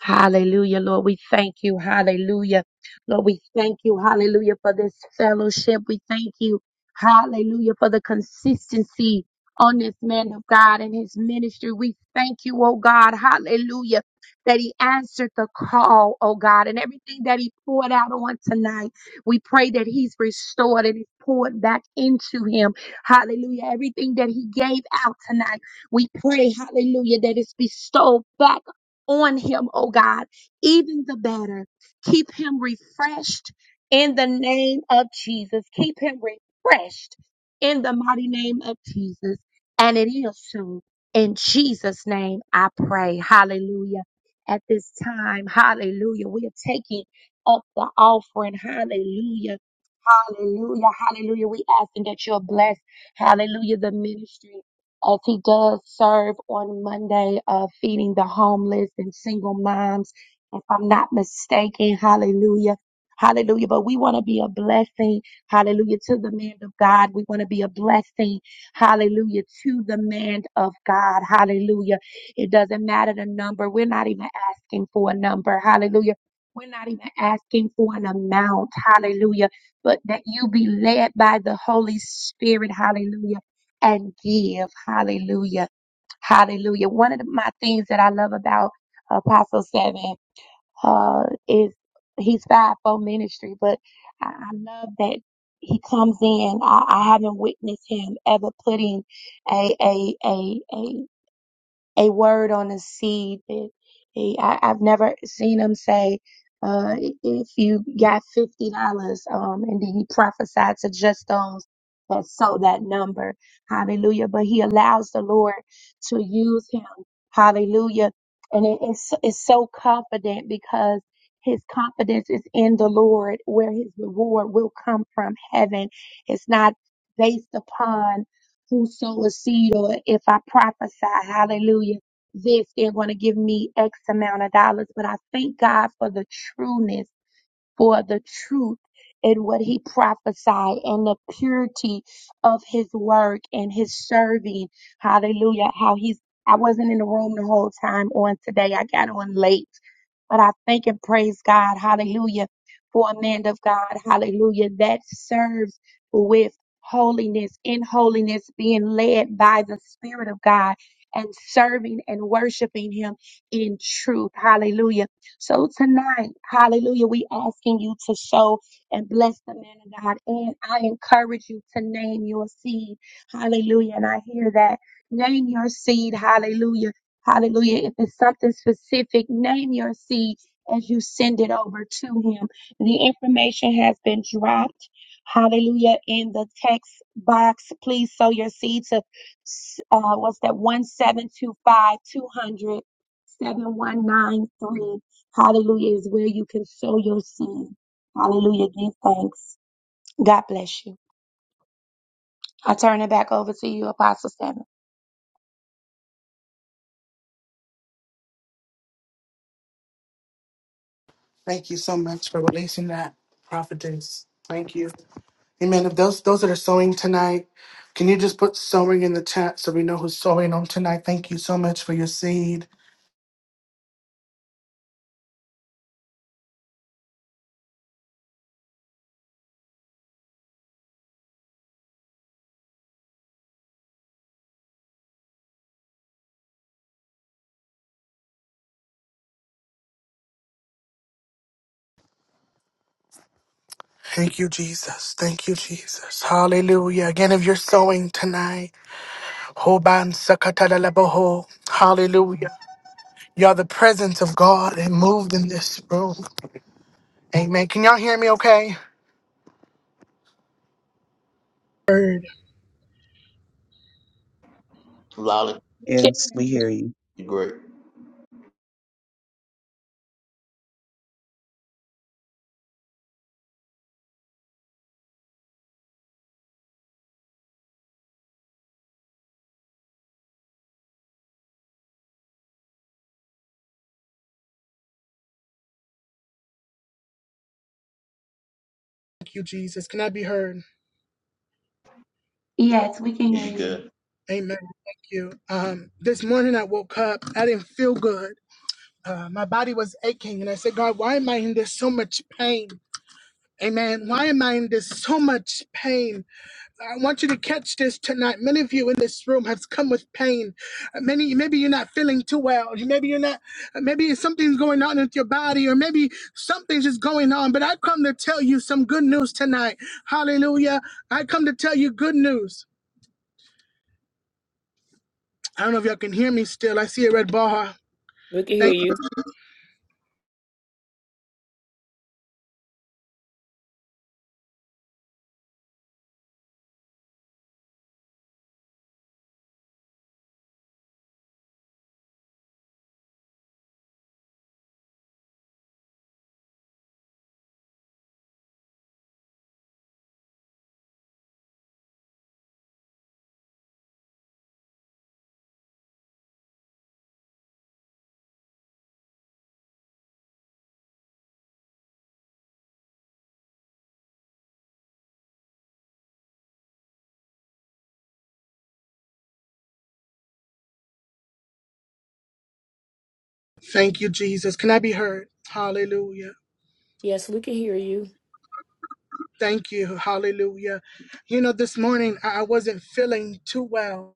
Speaker 11: Hallelujah, Lord. We thank you. Hallelujah. Lord, we thank you. Hallelujah for this fellowship. We thank you. Hallelujah for the consistency on this man of God and his ministry. We thank you, oh God. Hallelujah. That he answered the call, oh God, and everything that he poured out on tonight. We pray that he's restored and is poured back into him. Hallelujah. Everything that he gave out tonight, we pray, hallelujah, that it's bestowed back on him, oh God, even the better. Keep him refreshed in the name of Jesus. Keep him refreshed in the mighty name of Jesus. And it is so. In Jesus' name, I pray. Hallelujah. At this time, hallelujah. We are taking up the offering. Hallelujah. Hallelujah. Hallelujah. We asking that you'll bless. Hallelujah. The ministry as he does serve on Monday of feeding the homeless and single moms, if I'm not mistaken. Hallelujah. Hallelujah. But we want to be a blessing. Hallelujah. To the man of God. We want to be a blessing. Hallelujah. To the man of God. Hallelujah. It doesn't matter the number. We're not even asking for a number. Hallelujah. We're not even asking for an amount. Hallelujah. But that you be led by the Holy Spirit. Hallelujah and give. Hallelujah. Hallelujah. One of the, my things that I love about Apostle Seven uh, is he's fivefold ministry, but I, I love that he comes in. I, I haven't witnessed him ever putting a a a a a word on a seed. It, it- I, I've never seen him say, uh, if you got fifty dollars, um, and then he prophesied to just those that sold that number. Hallelujah. But he allows the Lord to use him. Hallelujah. And it, it's it's so confident because his confidence is in the Lord, where his reward will come from heaven. It's not based upon who sow a seed or if I prophesy, hallelujah, this, they're going to give me X amount of dollars. But I thank God for the trueness for the truth in what he prophesied and the purity of his work and his serving. Hallelujah. How he's, I wasn't in the room the whole time on today. I got on late, but I thank and praise God. Hallelujah. For a man of God. Hallelujah. That serves with holiness, in holiness, being led by the Spirit of God and serving and worshiping him in truth. Hallelujah so tonight, hallelujah, we asking you to show and bless the man of God. And I encourage you to name your seed. Hallelujah. And I hear that. Name your seed. Hallelujah. Hallelujah. If it's something specific, name your seed as you send it over to him. The information has been dropped. Hallelujah. In the text box, please sow your seed to uh, what's that? 1725 200 7193. Hallelujah is where you can sow your seed. Hallelujah. Give thanks. God bless you. I turn it back over to you, Apostle Seven.
Speaker 1: Thank you so much for releasing that, prophetess. Thank you. Amen. If those those that are sewing tonight, can you just put sewing in the chat so we know who's sewing on tonight? Thank you so much for your seed. Thank you, Jesus. Thank you, Jesus. Hallelujah. Again, if you're sewing tonight. Hoban Sakatalalaboho. Hallelujah. Y'all, the presence of God it moved in this room. Amen. Can y'all hear me okay? Word.
Speaker 12: Lolly,
Speaker 13: Yes, we hear you.
Speaker 12: you are great.
Speaker 1: Thank you, Jesus. Can I be heard?
Speaker 11: Yes, we can hear
Speaker 12: You are
Speaker 11: you.
Speaker 12: good.
Speaker 1: Amen. Thank you. Um, this morning I woke up. I didn't feel good. Uh, my body was aching. And I said, God, why am I in this so much pain? Amen. Why am I in this so much pain? I want you to catch this tonight. Many of you in this room have come with pain. Uh, Many, maybe you're not feeling too well. Maybe you're not. uh, Maybe something's going on with your body, or maybe something's just going on. But I come to tell you some good news tonight. Hallelujah! I come to tell you good news. I don't know if y'all can hear me still. I see a red bar.
Speaker 15: We can hear
Speaker 1: Thank you.
Speaker 15: you.
Speaker 1: Thank you, Jesus. Can I be heard? Hallelujah.
Speaker 15: Yes, we can hear you.
Speaker 1: Thank you. Hallelujah. You know, this morning I I wasn't feeling too well.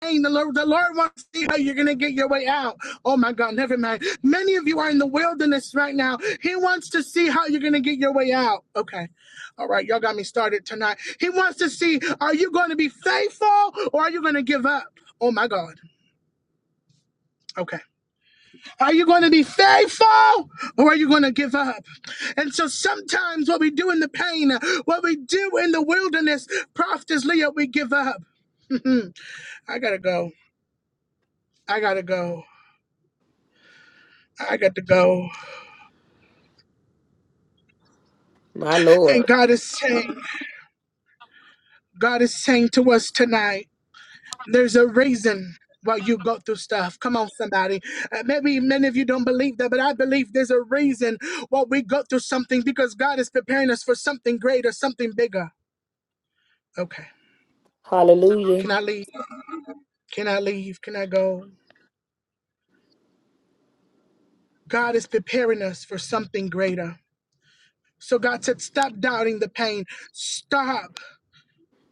Speaker 1: Hey, The Lord, the Lord wants to see how you're going to get your way out. Oh my God, never mind. Many of you are in the wilderness right now. He wants to see how you're going to get your way out. Okay. All right. Y'all got me started tonight. He wants to see are you going to be faithful or are you going to give up? Oh my God. Okay. Are you going to be faithful or are you going to give up? And so sometimes what we do in the pain, what we do in the wilderness, Prophetess Leah, we give up. I gotta go. I gotta go. I got to go.
Speaker 15: My
Speaker 18: I
Speaker 1: And
Speaker 15: Lord.
Speaker 1: God is saying, God is saying to us tonight, there's a reason why you go through stuff. Come on, somebody. Uh, maybe many of you don't believe that, but I believe there's a reason why we go through something because God is preparing us for something greater, something bigger. Okay.
Speaker 15: Hallelujah.
Speaker 1: Can I leave? Can I leave? Can I go? God is preparing us for something greater. So God said, stop doubting the pain. Stop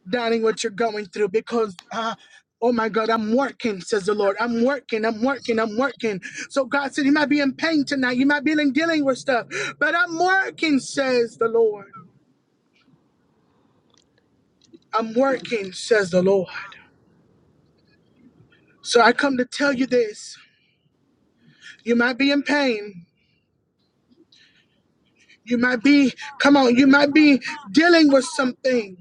Speaker 1: doubting what you're going through because, uh, oh my God, I'm working, says the Lord. I'm working, I'm working, I'm working. So God said, you might be in pain tonight. You might be dealing with stuff, but I'm working, says the Lord. I'm working, says the Lord. So I come to tell you this. You might be in pain. You might be, come on, you might be dealing with something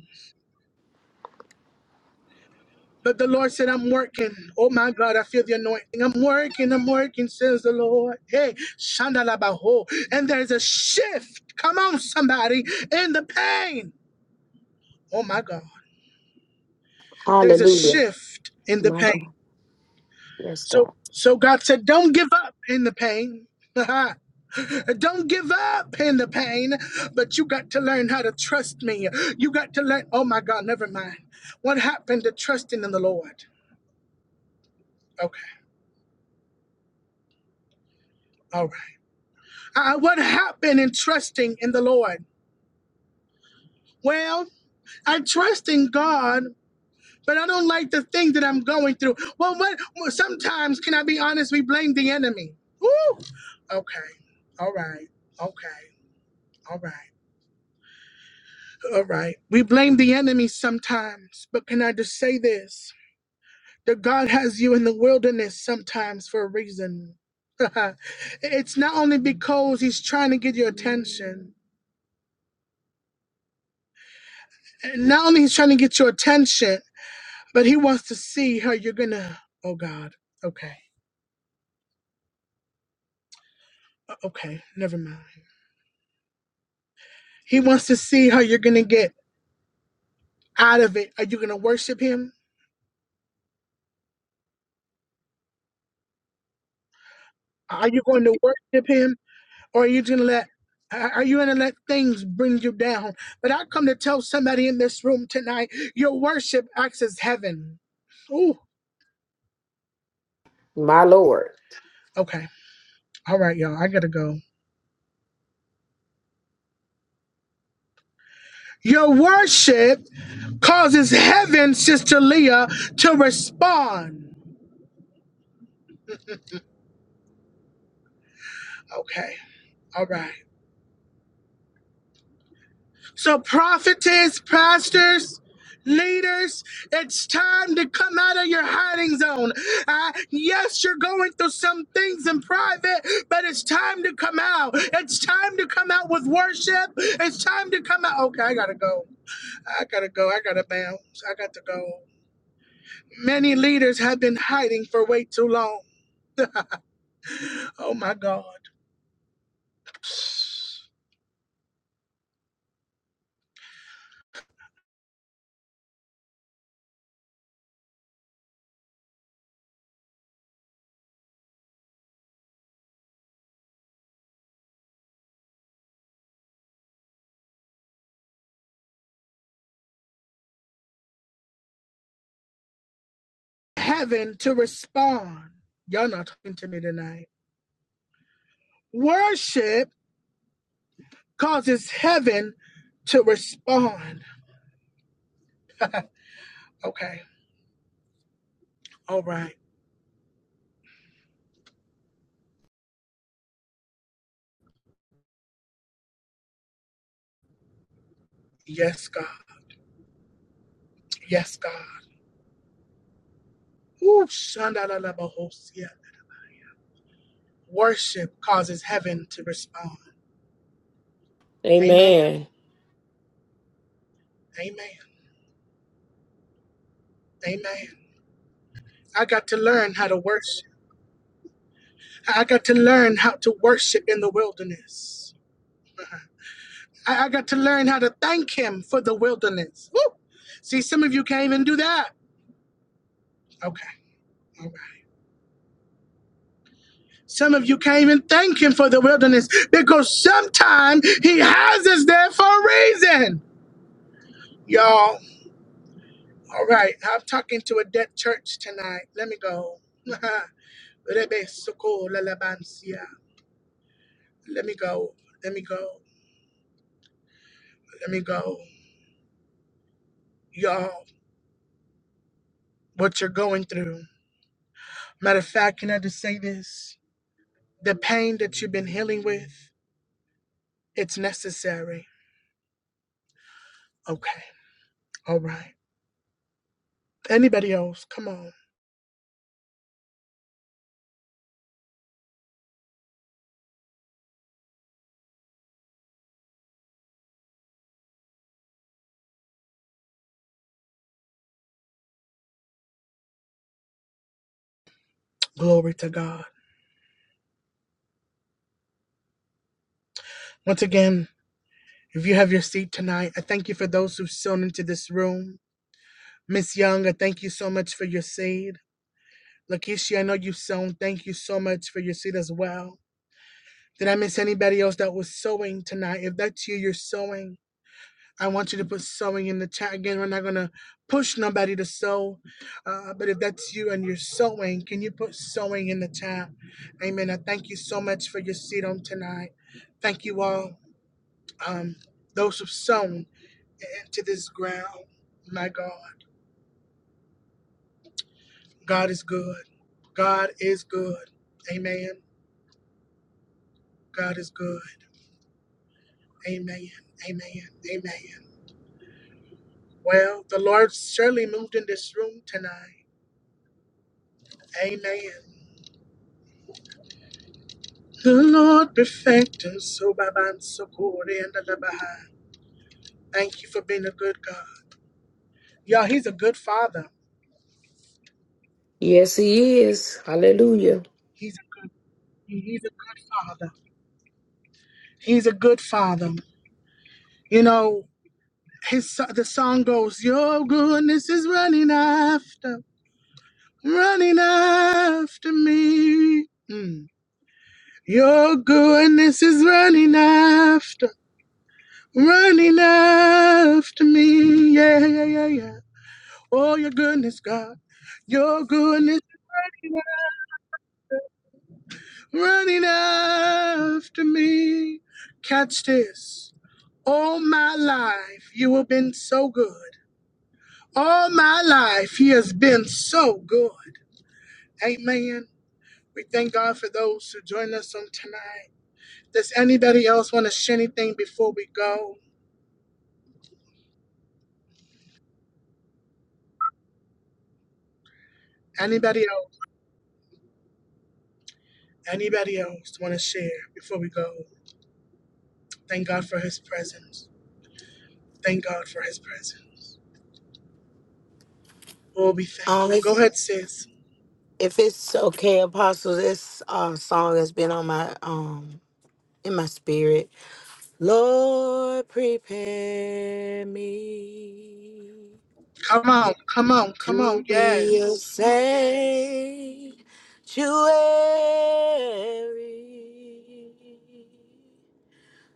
Speaker 1: But the Lord said, I'm working. Oh my God, I feel the anointing. I'm working, I'm working, says the Lord. Hey, Shandalabaho. And there's a shift. Come on, somebody, in the pain. Oh my God. There's a
Speaker 15: Hallelujah.
Speaker 1: shift in the
Speaker 15: My
Speaker 1: pain.
Speaker 15: God. Yes,
Speaker 1: So
Speaker 15: God.
Speaker 1: so God said, Don't give up in the pain. Don't give up in the pain, but you got to learn how to trust me. You got to learn. Oh my God, never mind. What happened to trusting in the Lord? Okay, all right. Uh, what happened in trusting in the Lord? Well, I trust in God, but I don't like the thing that I'm going through. Well, what? well, Sometimes, can I be honest? We blame the enemy. Woo! Okay. All right. Okay. All right. All right. We blame the enemy sometimes, but can I just say this? That God has you in the wilderness sometimes for a reason. it's not only because He's trying to get your attention. Not only He's trying to get your attention, But he wants to see how you're gonna. Oh God. Okay. Uh, Okay. Never mind. He wants to see how you're gonna get out of it. Are you gonna worship him? Are you going to worship him, or are you gonna let? Are are you gonna let things bring you down? But I come to tell somebody in this room tonight: your worship access heaven. Ooh.
Speaker 15: My Lord.
Speaker 1: Okay. All right, y'all. I gotta go. Your worship causes heaven, Sister Leah, to respond. Okay. All right. So, prophetess, pastors, leaders, it's time to come out of your hiding zone. Uh, yes, you're going through some things in private, but it's time to come out. It's time to come out with worship. It's time to come out. Okay, I gotta go. I gotta go. I gotta bounce. I got to go. Many leaders have been hiding for way too long. Oh my God. Heaven to respond. Y'all not talking to me tonight. Worship causes heaven to respond. Okay. All right. Yes, God. Yes, God. Ooh, shandalalabahosia. Worship causes heaven to respond. Amen.
Speaker 15: Amen.
Speaker 1: Amen. Amen. I got to learn how to worship. I got to learn how to worship in the wilderness. I, I got to learn how to thank Him for the wilderness. Woo! See, some of you can't even do that. Okay. All right. Some of you can't even thank him for the wilderness because sometime he has us there for a reason. Y'all, all right, I'm talking to a dead church tonight. Let me go. Let me go. Let me go. Let me go. Y'all, what you're going through. Matter of fact, can I just say this? The pain that you've been healing with, it's necessary. Okay, all right. Anybody else? Come on. Glory to God. Once again, If you have your seat tonight, I thank you for those who've sown into this room. Miss Young, I thank you so much for your seed. Lakeisha, I know you've sown. Thank you so much for your seed as well. Did I miss anybody else that was sowing tonight? If that's you, you're sowing. I want you to put sowing in the chat again. We're not going to push nobody to sow. Uh, but if that's you and you're sowing, can you put sowing in the chat? Amen. I thank you so much for your seed on tonight. Thank you all. Um, those who've sown. and to this ground. My God, God is good. God is good. Amen. God is good. Amen. Amen. Amen. Well, the Lord surely moved in this room tonight. Amen. The Lord perfected so by man, so good, and the Baha'i. Thank you for being a good God. Y'all, He's a good Father.
Speaker 15: Yes, He is. Hallelujah.
Speaker 1: He's He's a good Father. He's a good Father. You know, his so- the song goes, "Your goodness is running after." running after me. Mm. Your goodness is running after, running after me. Yeah, yeah, yeah, yeah. Oh, your goodness, God. Your goodness running after me. Catch this. All my life, you have been so good. All my life, He has been so good. Amen. We thank God for those who join us on tonight. Does anybody else want to share anything before we go? Anybody else? Anybody else want to share before we go? Thank God for his presence. Thank God for his presence. Oh, we thank
Speaker 7: Um,
Speaker 1: you.
Speaker 7: if
Speaker 1: Go ahead, sis.
Speaker 7: if it's okay, Apostles, this uh, song has been on my um in my spirit. Lord, prepare me
Speaker 1: Come on, come on, come on.
Speaker 7: to be a
Speaker 1: Yes.
Speaker 7: sanctuary.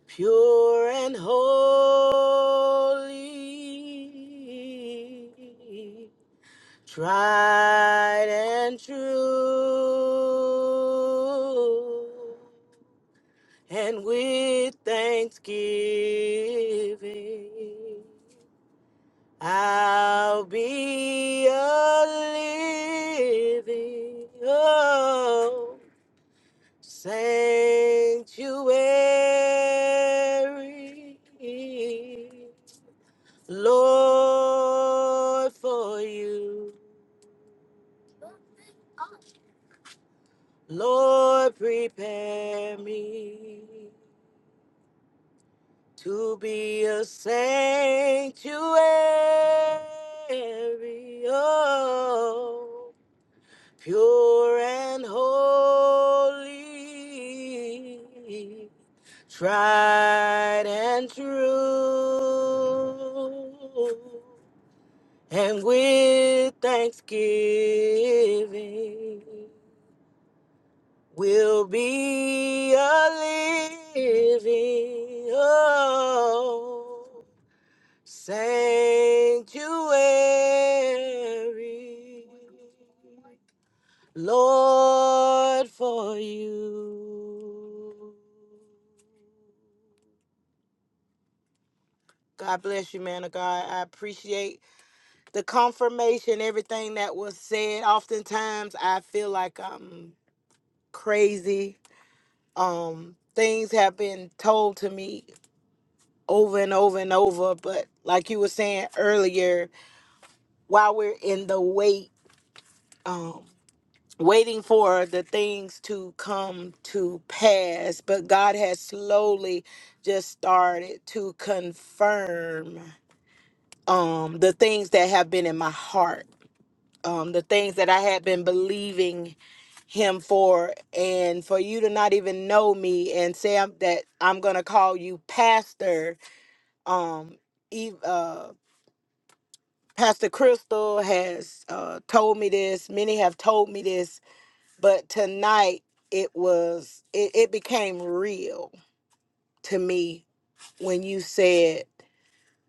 Speaker 7: pure and holy, tried and true, and with thanksgiving, I'll be a living sanctuary, Lord, for you, Lord, prepare me to be a sanctuary. Oh, pure and holy, tried and true. And with thanksgiving, will be a living oh, sanctuary Lord, for you. God bless you, man of God. I appreciate the confirmation, everything that was said. Oftentimes, I feel like I'm crazy. Um, things have been told to me over and over and over. But like you were saying earlier, while we're in the wait, um, waiting for the things to come to pass, but God has slowly just started to confirm um, the things that have been in my heart, um, the things that I had been believing Him for, and for you to not even know me and say I'm, that I'm gonna call you Pastor. Um, Eve, uh, Pastor Crystal has uh, told me this. Many have told me this but tonight it was it, it became real to me when you said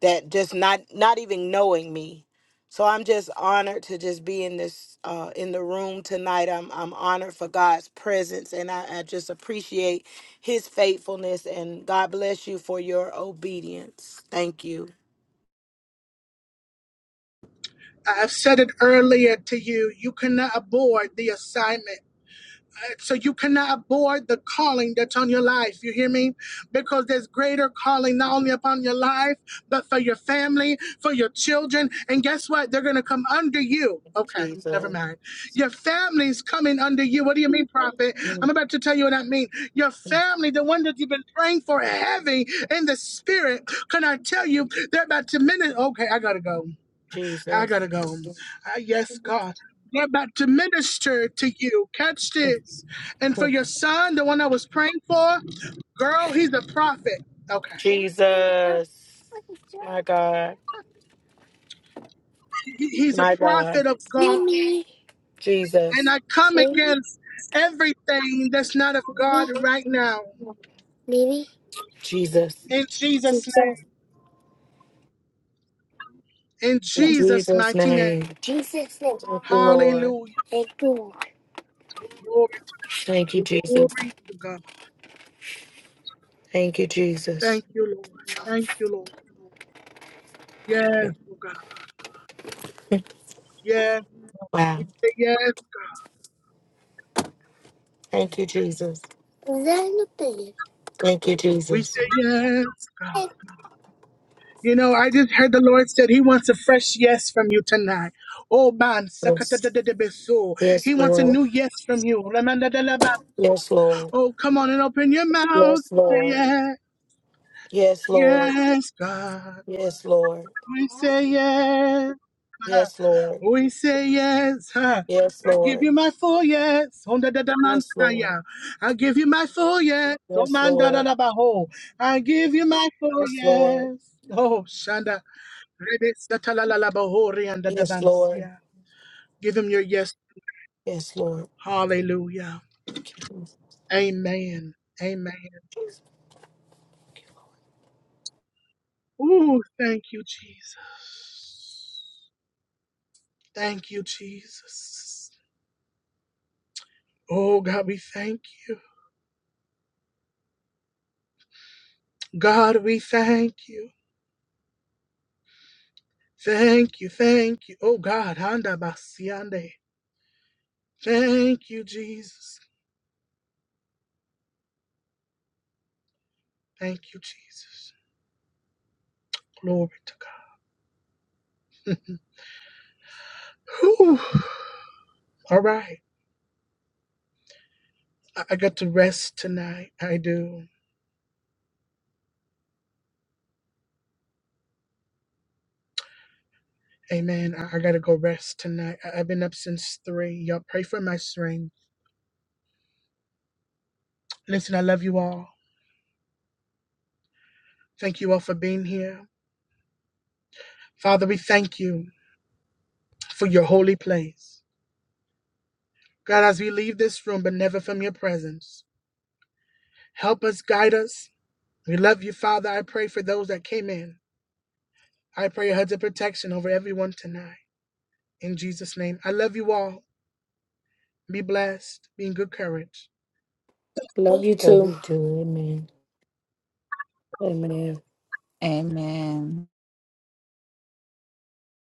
Speaker 7: that just not not even knowing me so i'm just honored to just be in this uh in the room tonight i'm i'm honored for god's presence and i, I just appreciate his faithfulness and god bless you for your obedience thank you
Speaker 1: I've said it earlier to you. You cannot abort the assignment. so you cannot avoid the calling that's on your life. You hear me? Because there's greater calling not only upon your life, but for your family, for your children. And guess what? They're going to come under you. Okay, never
Speaker 7: jesus
Speaker 1: mind. Your family's coming under you. What do you mean, prophet? I'm about to tell you what I mean. Your family, the one that you've been praying for heavy in the spirit, can I tell you they're about to minute? Okay, I got to go. I
Speaker 7: jesus
Speaker 1: gotta go. Uh, yes, God. We're about to minister to you. Catch this. And for your son, the one I was praying for, girl, he's a prophet. Okay.
Speaker 7: jesus my god
Speaker 1: He- He's a
Speaker 7: my god
Speaker 1: prophet of God. And
Speaker 7: jesus
Speaker 1: I come against everything that's not of God right now.
Speaker 7: Jesus.
Speaker 1: In Jesus' name. In
Speaker 7: In
Speaker 1: Jesus'
Speaker 7: Jesus'
Speaker 1: mighty name.
Speaker 7: name. Jesus' name. Thank you, Lord.
Speaker 1: Hallelujah. Glory
Speaker 7: Thank you,
Speaker 1: to
Speaker 7: Jesus.
Speaker 1: glory to God.
Speaker 7: Thank you, Jesus.
Speaker 1: Thank you, Lord. Thank you, Lord. Yes, oh God. Yes. We
Speaker 7: Wow.
Speaker 1: say yes.
Speaker 7: Thank you, Jesus. Thank you,
Speaker 1: We
Speaker 7: Jesus.
Speaker 1: say yes. God. You know, I just heard the Lord said He wants a fresh yes from you tonight. Oh man,
Speaker 7: Yes,
Speaker 1: sakatadadabeso.
Speaker 7: yes,
Speaker 1: He wants a
Speaker 7: Lord.
Speaker 1: new yes from you. Ramandadalaba.
Speaker 7: Yes, Lord.
Speaker 1: Oh, come on and open your mouth.
Speaker 7: Yes,
Speaker 1: Say
Speaker 7: Lord.
Speaker 1: yes,
Speaker 7: Yes, Lord.
Speaker 1: yes, God.
Speaker 7: Yes, Lord.
Speaker 1: We say yes. huh.
Speaker 7: Yes, Lord.
Speaker 1: We say yes. huh.
Speaker 7: Yes,
Speaker 1: I give
Speaker 7: Lord.
Speaker 1: you my full yes.
Speaker 7: Yes, Lord.
Speaker 1: Hondadadamansaya. I give you my full yes.
Speaker 7: Yes, Lord.
Speaker 1: Omandadadabaho. I give you my full
Speaker 7: Yes, Lord.
Speaker 1: yes. Oh, Shanda. Rebe satalalala bahori and
Speaker 7: Yes, Lord.
Speaker 1: dadabansia. Give him your yes.
Speaker 7: Yes, Lord.
Speaker 1: Hallelujah.
Speaker 7: Thank you, Jesus.
Speaker 1: Amen. Amen. Ooh, thank you, Jesus. Thank you, Jesus. Oh, God, we thank you. God, we thank you. Thank you, thank you. Oh, God, handa basiande. Thank you, Jesus. Thank you, Jesus. Glory to God. Whew. All right. I I got to rest tonight. I do. Amen. I, I gotta go rest tonight. I, I've been up since three. Y'all pray for my strength. Listen, I love you all. Thank you all for being here. Father, we thank you for your holy place. God, as we leave this room, but never from your presence, help us, guide us. We love you, Father. I pray for those that came in. I pray your heads of protection over everyone tonight. In Jesus' name, I love you all. Be blessed. Be in good courage.
Speaker 15: Love
Speaker 7: Yes,
Speaker 15: you
Speaker 7: Lord,
Speaker 15: too.
Speaker 7: we do. Amen.
Speaker 15: Amen.
Speaker 4: Amen.